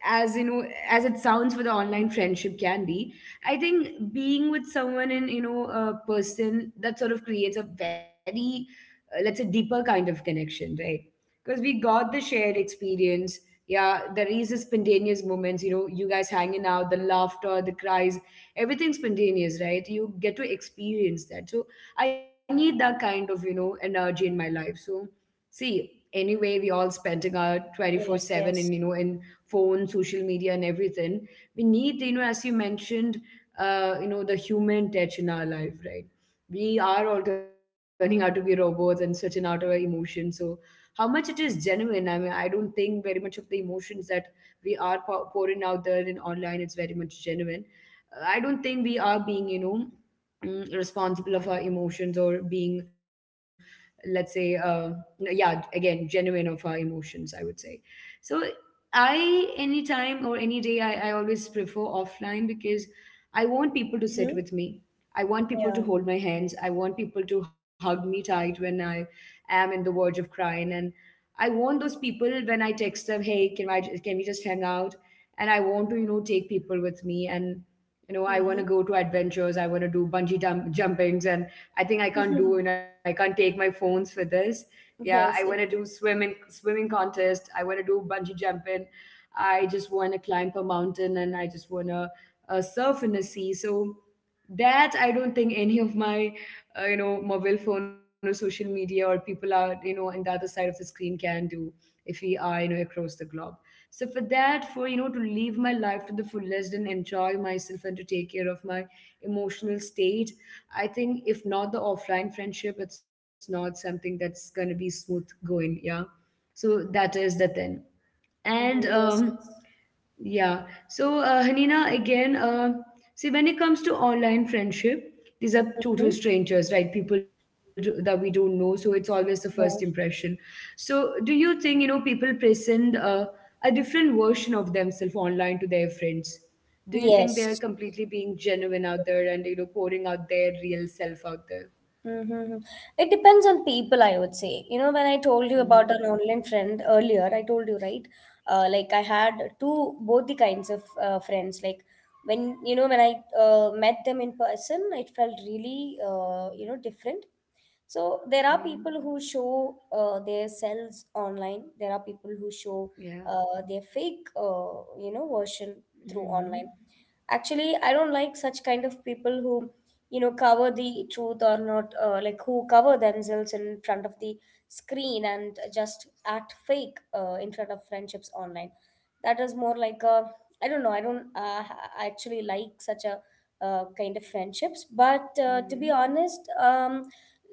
as you know, as it sounds for the online Hmm. friendship can be, I think being with someone in, you know, a person, that sort of creates a very, let's say, deeper kind of connection, right? Because we got the shared experience. Yeah, there is a spontaneous moments, you know, you guys hanging out, the laughter, the cries, everything spontaneous, right? You get to experience that. So I need that kind of, you know, energy in my life. So, see, anyway, we all spending our Yes, 24/7 in, you yes. know, in phone, social media and everything. We need, you know, as you mentioned, you know, the human touch in our life, right? We are all turning out to be robots and switching out our emotions. So, how much it is genuine? I mean, I don't think very much of the emotions that we are pouring out there in online, it's very much genuine. I don't think we are being, you know, responsible of our emotions, or being, let's say, yeah, again, genuine of our emotions, I would say. So I anytime or any day, I always prefer offline, because I want people to sit Mm-hmm. with me, I want people Yeah. to hold my hands, I want people to hug me tight when I am in the verge of crying, and I want those people when I text them, hey, can we just hang out, and I want to, you know, take people with me, and, you know, I want Mm-hmm. to go to adventures, I want to do jumpings, and I think I can't do, you know, I (laughs) can't take my phones for this. Yeah, I want to Yes, yes. do swimming contest, I want to do bungee jumping, I just want to climb a mountain, and I just want to surf in the sea. So that, I don't think any of my you know, mobile phone or social media or people are, you know, in the other side of the screen can do, if we are, you know, across the globe. So for that, for, you know, to live my life to the fullest and enjoy myself and to take care of my emotional state, I think if not the offline friendship, it's not something that's gonna be smooth going. Yeah. So that is the thing. And Mhm. Yes, yes. yeah, so Hanina, again, see, when it comes to online friendship, these are total Mm-hmm. strangers, right? People do, that we don't know, so it's always the first Yeah. impression. So, do you think, you know, people present a different version of themselves online to their friends? Do you think they are Yes. completely being genuine out there and, you know, pouring out their real self out there? Mm-hmm. It depends on people, I would say. You know, when I told you Mm-hmm. about an online friend earlier, I told you, right? Like, I had two, both the kinds of friends. Like, when, you know, when I met them in person, it felt really, you know, different. So there are people who show their selves online. There are people who show Yeah. Their fake, you know, version through Mm-hmm. online. Actually, I don't like such kind of people who, you know, cover the truth or not, like, who cover themselves in front of the screen and just act fake in front of friendships online. That is more like a, I don't know, I don't actually like such a kind of friendships. But to Mm-hmm. be honest,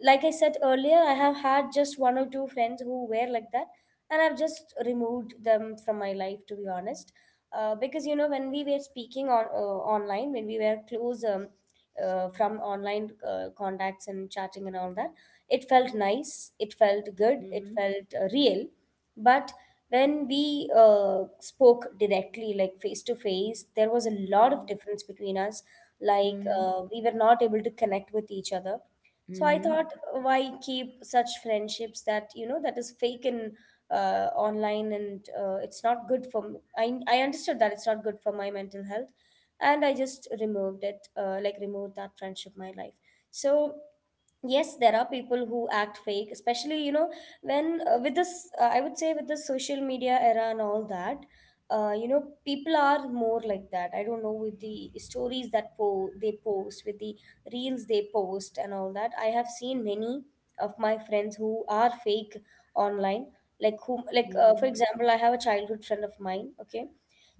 like I said earlier, I have had just one or two friends who were like that, and I've just removed them from my life, to be honest. Because you know, when we were speaking on online, when we were close, from online contacts and chatting and all that, it felt nice, it felt good, Mm-hmm. it felt real. But when we spoke directly, like face to face, there was a lot of Mm-hmm. difference between us. Like Mhm, we were not able to connect with each other. So I mhm, thought, why keep such friendships that, you know, that is fake in online? And it's not good for I understood that it's not good for my mental health. And I just removed it, like, removed that friendship my life. So yes, there are people who act fake, especially you know, when with this, I would say, with the social media era and all that, you know, people are more like that. I don't know, with the stories that they post, with the reels they post and all that, I have seen many of my friends who are fake online. Like whom, like mhm, for example, I have a childhood friend of mine, okay.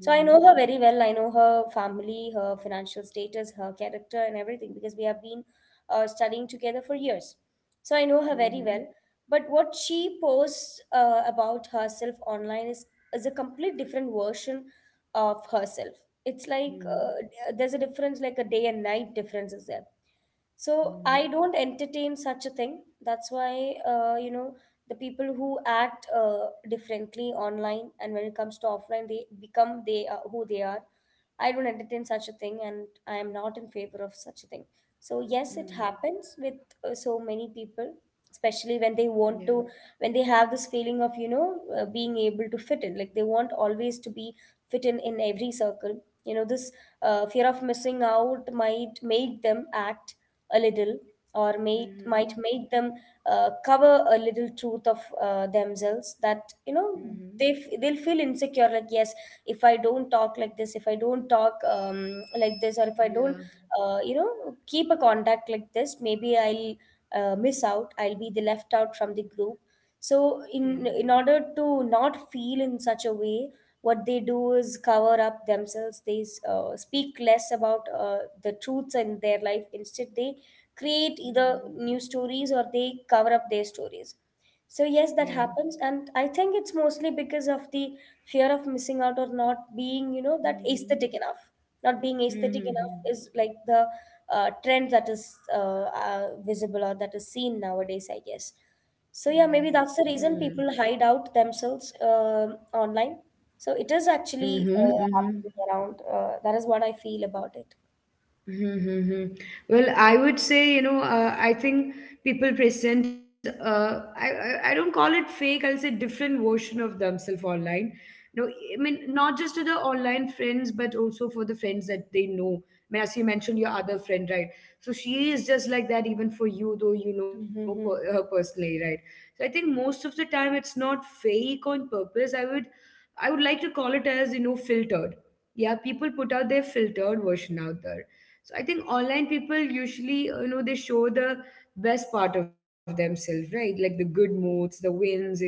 So I know her very well. I know her family, her financial status, her character, and everything because we have been studying together for years. So I know mhm, her very well. But what she posts about herself online is a complete different version of herself. It's like mhm, there's a difference, like a day and night difference is there. So I mhm, don't entertain such a thing. That's why, you know, the people who act differently online, and when it comes to offline, they are who they are. I don't entertain such a thing, and I am not in favor of such a thing. So yes, it mhm. happens with so many people, especially when they Yeah. want to, when they have this feeling of, you know, being able to fit in. Like, they want always to be fit in every circle. You know, this fear of missing out might make them act a little, or might Mhm, make them cover a little truth of themselves, that you know, mhm. They'll feel insecure. Like, yes, if I don't talk like this, if I don't talk like this, or if I don't, Yeah. You know, keep a contact like this, maybe I'll miss out, I'll be the left out from the group. So Yeah. in order to not feel in such a way, what they do is cover up themselves. They speak less about the truths in their life. Instead, they create either Mhm. new stories, or they cover up their stories. So Yeah. yes, that happens, and I think it's mostly because of the fear of missing out, or not being, you know, that Mhm. aesthetic enough. Not being aesthetic enough Mhm. is like the trend that is visible or that is seen nowadays, I guess. Yeah. So yeah, maybe Mhm. that's the reason people hide out themselves online. So it is Mhm. actually Mhm. Happening around. That is what I feel about it. Mm-hmm. Mm-hmm. Well, I would say, you know, I think people present, I don't call it fake, I'll say different version of themselves online. No, I mean, not just to the online friends, but also for the friends that they know. I mean, as you mentioned, your other friend, right? So she is just like that even for you, though you know per her Mm-hmm. personally, right? So I think most of the time it's not fake on purpose. I would like to call it as, you know, filtered. Yeah, people put out their filtered version out there. So I think online people, usually, you know, they show the best part of themselves, right? Like the good moods, the wins, you know,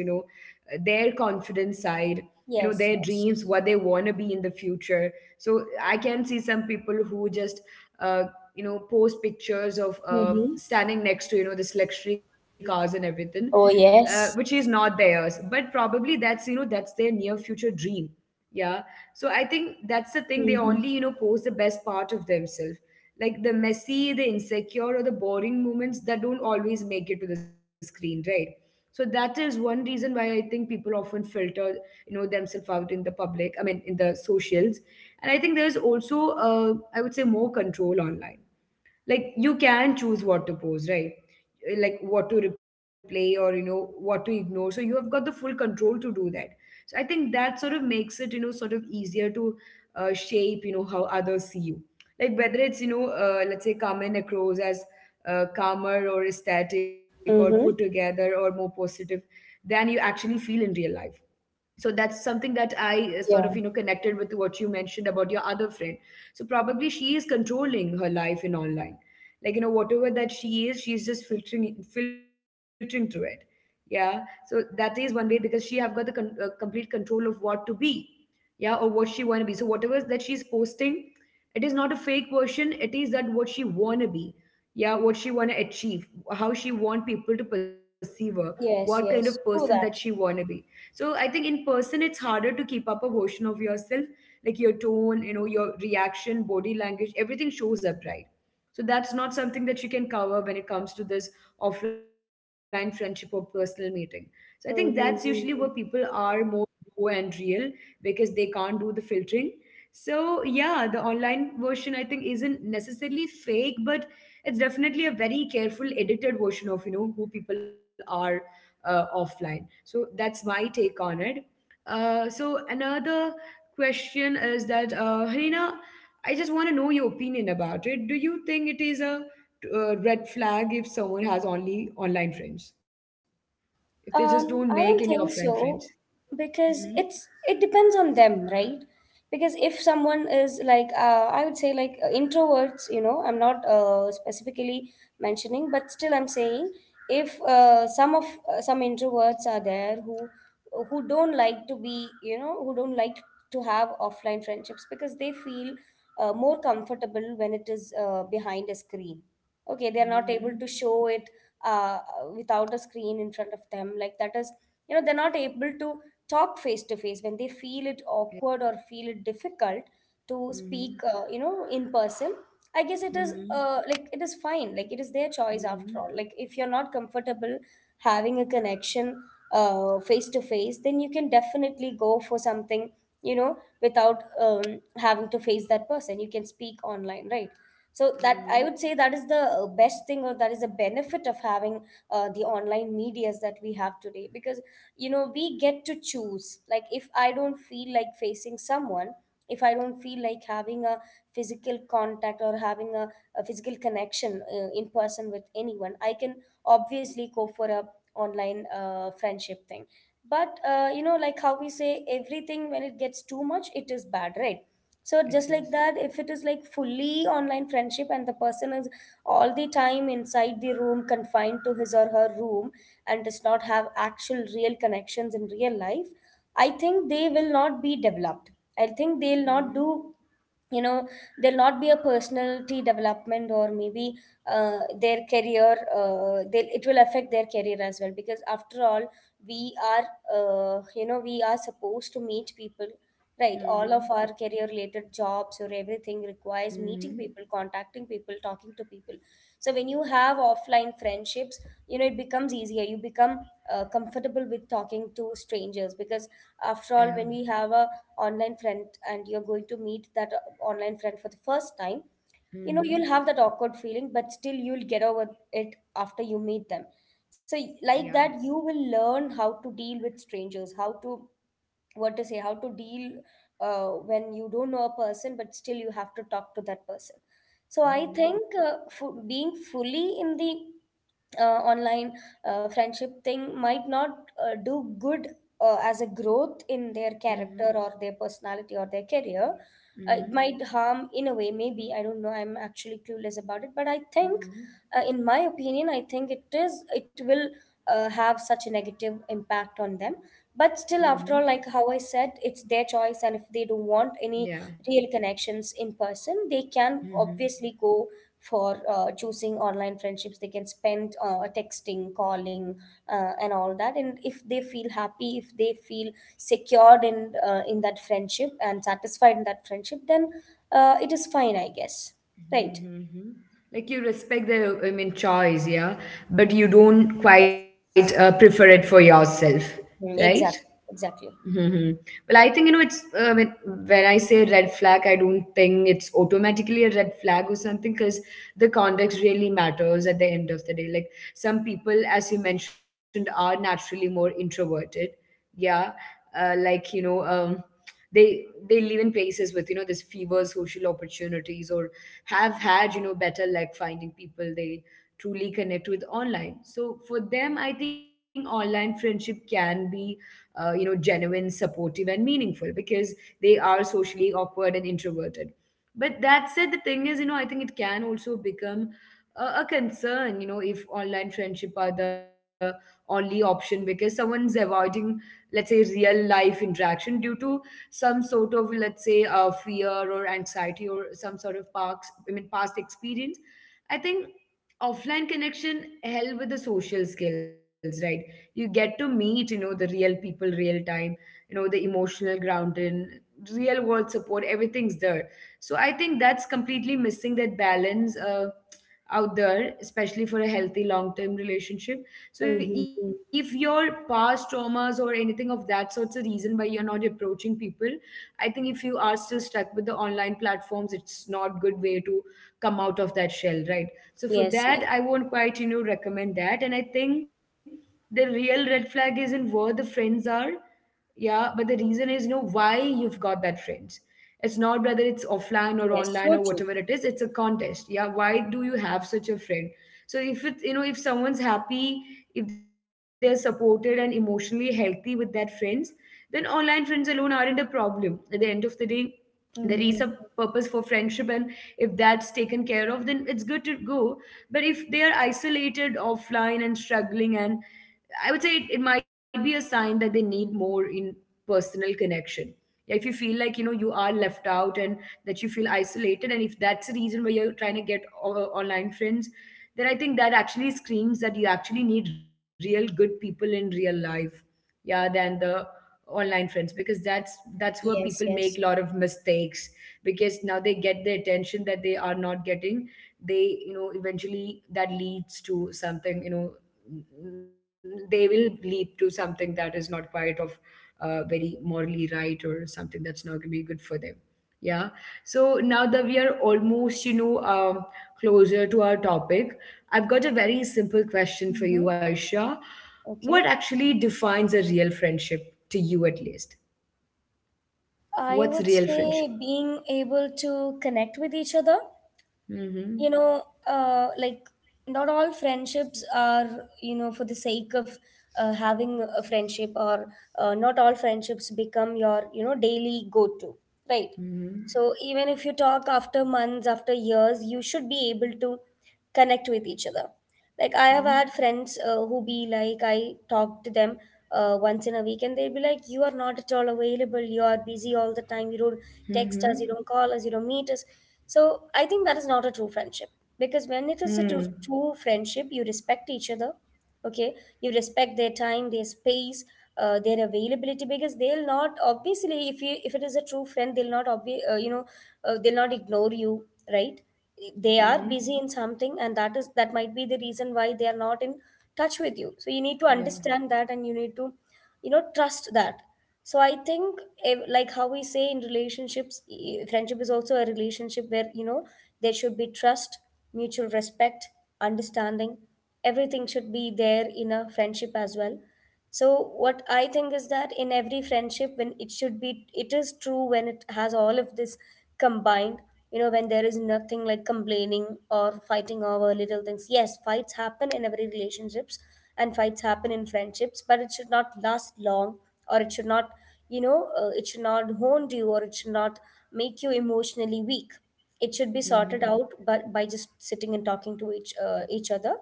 their confidence side, you know, their Yes, yes. dreams, what they want to be in the future. So I can see some people who just uh, you know, post pictures of Mm-hmm. standing next to, you know, this luxury cars and everything, Oh, which is yes. not theirs, but probably that's, you know, that's their near future dream. Yeah. So I think that's the thing. They Mm-hmm. only, you know, post the best part of themselves, like the messy, the insecure, or the boring moments that don't always make it to the screen, right? So that is one reason why I think people often filter, you know, themselves out in the public. I mean, in the socials. And I think there is also, I would say, more control online, like you can choose what to post, right? Eh, like what to replay, or you know, what to ignore, so you have got the full control to do that. So I think that sort of makes it, you know, sort of easier to shape, you know, how others see you, like whether it's, you know, let's say, carmen across as calmer or static or put Mm-hmm. together or more positive than you actually feel in real life. So that's something that I, sort of, you know, Yeah. connected with what you mentioned about your other friend. So probably she is controlling her life in online, like, you know, whatever that she is, she's just filtering through it. Yeah. So that is one way, because she have got the complete control of what to be. Yeah, or what she want to be. So whatever that she's posting, it is not a fake version, it is that what she want to be. Yeah, what she want to achieve, how she want people to perceive her, what kind Yes, of person yes. that True she that. wanna be. So I think in person it's harder to keep up a version of yourself, like your tone, you know, your reaction, body language, everything shows up, right? So that's not something that you can cover when it comes to this offline friendship or personal meeting. So I think that's usually where Mm-hmm. people Mm-hmm. are more raw and real, because they can't do the filtering. So yeah, the online version, I think, isn't necessarily fake, but it's definitely a very careful edited version of, you know, who people are offline. So that's my take on it. So another question is that, Harina, I just want to know your opinion about it. Do you think it is a, uh, red flag if someone has only online friends? If they just don't make any I don't offline think friends? so, Mm-hmm. because it depends on them, right? Because if someone is like, I would say, like introverts, you know, I'm not specifically mentioning, but still I'm saying, if some introverts are there, who don't like to be, you know, who don't like to have offline friendships, because they feel more comfortable when it is behind a screen. Okay, they're not able Mm-hmm. to show it uh, without a screen in front of them. Like, that is, you know, they're not able to talk face to face when they feel it Yeah. awkward, or feel it difficult to Mm-hmm. speak, you know, in person. I guess it is, Mm-hmm. Like, it is fine. Like, it is their choice, Mm-hmm. after all. Like, if you're not comfortable having a connection face to face, then you can definitely go for something, you know, without, having to face that person. You can speak online, right? So that, I would say, Mm-hmm. that is the best thing, or that is the benefit of having the online medias that we have today. Because, you know, we get to choose. Like, if I don't feel like facing someone, if I don't feel like having a physical contact, or having a physical connection in person with anyone, I can obviously go for a online friendship thing. But you know, like how we say, everything, when it gets too much, it is bad, right? So It just like is. that, if it is like fully online friendship, and the person is all the time inside the room, confined to his or her room, and does not have actual real connections in real life, I think they will not be developed. I think they'll not Mm-hmm. do, you know, there'll not be a personality development, or maybe their career, it will affect their career as well. Because after all, we are, you know, we are supposed to meet people, right? All of Mm-hmm. our career related jobs, or everything, requires meeting Mm-hmm. people, contacting people, talking to people. So when you have offline friendships, you know, it becomes easier. You become comfortable with talking to strangers. Because after Yeah. all, when we have a online friend, and you're going to meet that online friend for the first time, you know, Mm-hmm. you'll have that awkward feeling, but still, you'll get over it after you meet them. So, Yeah. Like that, you will learn how to deal with strangers, how to, what to say, how to deal when you don't know a person, but still you have to talk to that person. So, I Mm-hmm. think, being fully in the online friendship thing might not do good as a growth in their Mm-hmm. character, or their personality, or their career. It Mm-hmm. might harm in a way, maybe. I don't know. I'm actually clueless about it. But I think, Mm-hmm. In my opinion, I think it is, it will have such a negative impact on them. But still, Mm-hmm. after all, like how I said, it's their choice. And if they don't want any Yeah. real connections in person, they can Mm-hmm. obviously go for choosing online friendships. They can spend texting, calling, and all that. And if they feel happy, if they feel secured in in that friendship, and satisfied in that friendship, then it is fine, I guess, right? Mm-hmm. Mm-hmm. Like you respect the, I mean, choice, yeah, but you don't Yes. quite prefer it for yourself, right? Mm, exactly, exactly. Hmm. Well, I think, you know, it's when I say red flag, I don't think it's automatically a red flag or something, because the context really matters at the end of the day. Like some people, as you mentioned, are naturally more introverted. Yeah, like you know, they they live in places with, you know, this fewer social opportunities, or have had, you know, better like finding people they truly connect with online. So for them, I think online friendship can be you know, genuine, supportive, and meaningful, because they are socially awkward and introverted. But that said, the thing is, you know, I think it can also become a concern, you know, if online friendship are the only option, because someone's avoiding, let's say, real life interaction due to some sort of, let's say, fear or anxiety or some sort of past, I mean, past experience. I think offline connection help with the social skills, right? You get to meet, you know, the real people, real time, you know, the emotional grounding, real world support, everything's there. So I think that's completely missing that balance out there, especially for a healthy long term relationship. So Mm-hmm. if your past traumas or anything of that sort's a reason why you're not approaching people, I think if you are still stuck with the online platforms, it's not good way to come out of that shell, right? Yes, So yes. for that, I won't quite, you know, recommend that. And I think the real red flag isn't where the friends are, yeah, but the reason is, you know, why you've got that friends. It's not whether it's Yes, offline or so true. online or whatever it is, it's a contest, yeah, why do you have such a friend. So if it, you know, if someone's happy, if they're supported and emotionally healthy with their friends, then online friends alone aren't a problem at the end of the day. There is a Mm-hmm. purpose for friendship, and if that's taken care of, then it's good to go. But if they are isolated offline and struggling, and I would say it might be a sign that they need more in personal connection. Yeah, if you feel like, you know, you are left out and that you feel isolated, and if that's the reason why you're trying to get online friends, then I think that actually screams that you actually need real good people in real life, yeah, than the online friends, because that's where people Yes, make a lot yes. of mistakes, because now they get the attention that they are not getting. They, you know, eventually that leads to something, you know, they will lead to something that is not quite of very morally right, or something that's not going to be good for them. Yeah. So now that we are almost, you know, closer to our topic, I've got a very simple question for Mm-hmm. you, Aisha. Okay, What actually defines a real friendship to you, at least? I What's would real say, friendship? being able to connect with each other. You Mm-hmm. know, like, not all friendships are, you know, for the sake of having a friendship, or not all friendships become your, you know, daily go to, right? So Mm-hmm. even if you talk after months, after years, you should be able to connect with each other. Like, I have had friends, who be like, I talk to them once in a week, and they'll be like, you are not at all available, you are busy all the time, you don't text us, you Mm-hmm. don't call us, you don't meet us. So I think that is not a true friendship. Because when it is a true, Mm-hmm. true friendship, you respect each other. Okay, you respect their time, their space, their availability. Because they'll not, obviously, if it is a true friend, they'll not, you know, they'll not ignore you, right? They are Mm-hmm. busy in something, and that might be the reason why they are not in touch with you. So you need to Yeah. understand that, and you need to, you know, trust that. So I think, like how we say in relationships, friendship is also a relationship where, you know, there should be trust, mutual respect, understanding. Everything should be there in a friendship as well. So what I think is that in every friendship, when it should be, it is true when it has all of this combined. You know, when there is nothing like complaining or fighting over little things. Yes, fights happen in every relationships, and fights happen in friendships, but it should not last long. Or it should not, you know, it should not haunt you, or it should not make you emotionally weak. It should be sorted Mm-hmm. out, but by just sitting and talking to each other,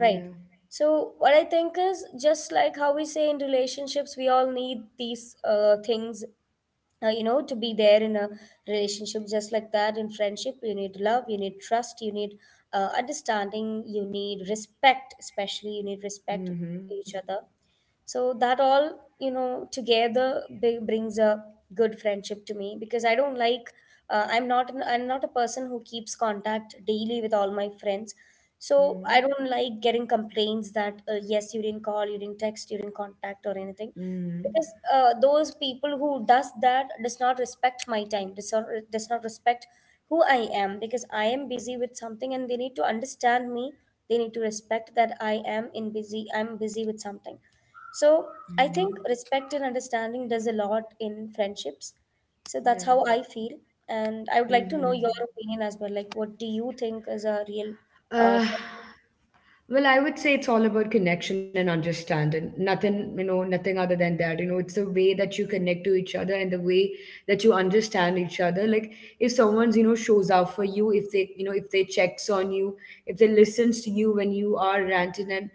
right? So what I think is, just like how we say in relationships, we all need these things, you know, to be there in a relationship. Just like that, in friendship, you need love, you need trust, you need understanding, you need respect, especially you need respect Mm-hmm. each other. So that all, you know, together brings a good friendship to me. Because I don't like, I'm not a person who keeps contact daily with all my friends. So Mm-hmm. I don't like getting complaints that, yes, you didn't call, you didn't text, you didn't contact, or anything. Mm-hmm. Because those people who does that does not respect my time, does not respect who I am. Because I am busy with something, and they need to understand me. They need to respect that I'm busy with something. So Mm-hmm. I think respect and understanding does a lot in friendships. So Yeah. that's how I feel. And I would like to know your Mm-hmm. opinion as well. Like, what do you think is a real uh, Uh, Well, I would say it's all about connection and understanding. Nothing, you know, nothing other than that. You know, it's the way that you connect to each other and the way that you understand each other. Like if someone's, you know, shows up for you, if they, you know, if they checks on you, if they listens to you when you are ranting, and,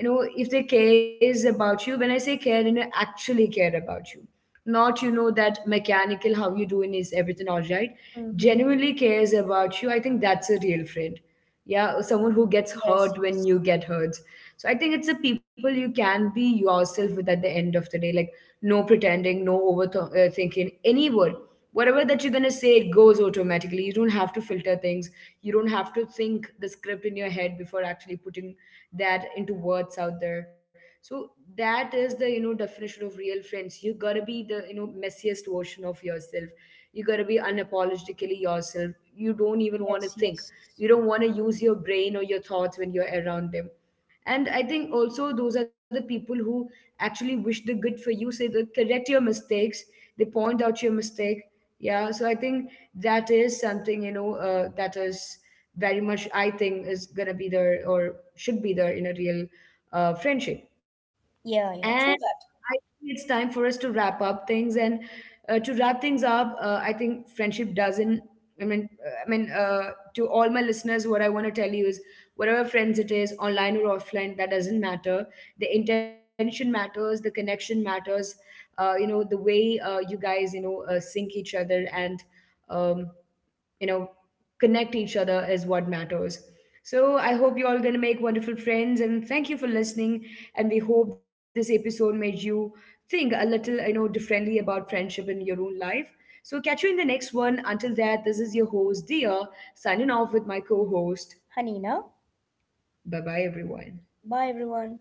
you know, if they cares about you, when I say care, you know, actually care about you. Not, you know, that mechanical how you doing, is everything all right. friendship? Mm-hmm. Genuinely cares about you. I think that's a real friend. Yeah, someone who gets Yes, hurt yes, when you get hurt. So I think it's the people you can be yourself with at the end of the day, like no pretending, no overthinking any word. Whatever that you're going to say, it goes automatically. You don't have to filter things, you don't have to think the script in your head before actually putting that into words out there. So that is the, you know, definition of real friends. You got to be the, you know, messiest version of yourself, you got to be unapologetically yourself. You don't even want yes, to think, yes. you don't want to use your brain or your thoughts when you're around them. And I think also those are the people who actually wish the good for you, say they correct your mistakes, they point out your mistake. Yeah, so I think that is something, you know, that is very much, I think, is gonna be there or should be there in a real friendship. Yeah, And yeah, true I that. think it's time for us to wrap up things. And to wrap things up, I think friendship doesn't. I mean, uh, I mean, uh, to all my listeners, what I want to tell you is, whatever friends it is, online or offline, that doesn't matter. The intention matters. The connection matters. You know, the way, you guys, you know, sync each other, and Um, you know, connect each other is what matters. So I hope you all going to make wonderful friends, and thank you for listening, and we hope this episode made you think a little, you know, differently about friendship in your own life. So catch you in the next one. Until that, this is your host Dia, signing off with my co-host. Hanina, Bye bye everyone. bye everyone.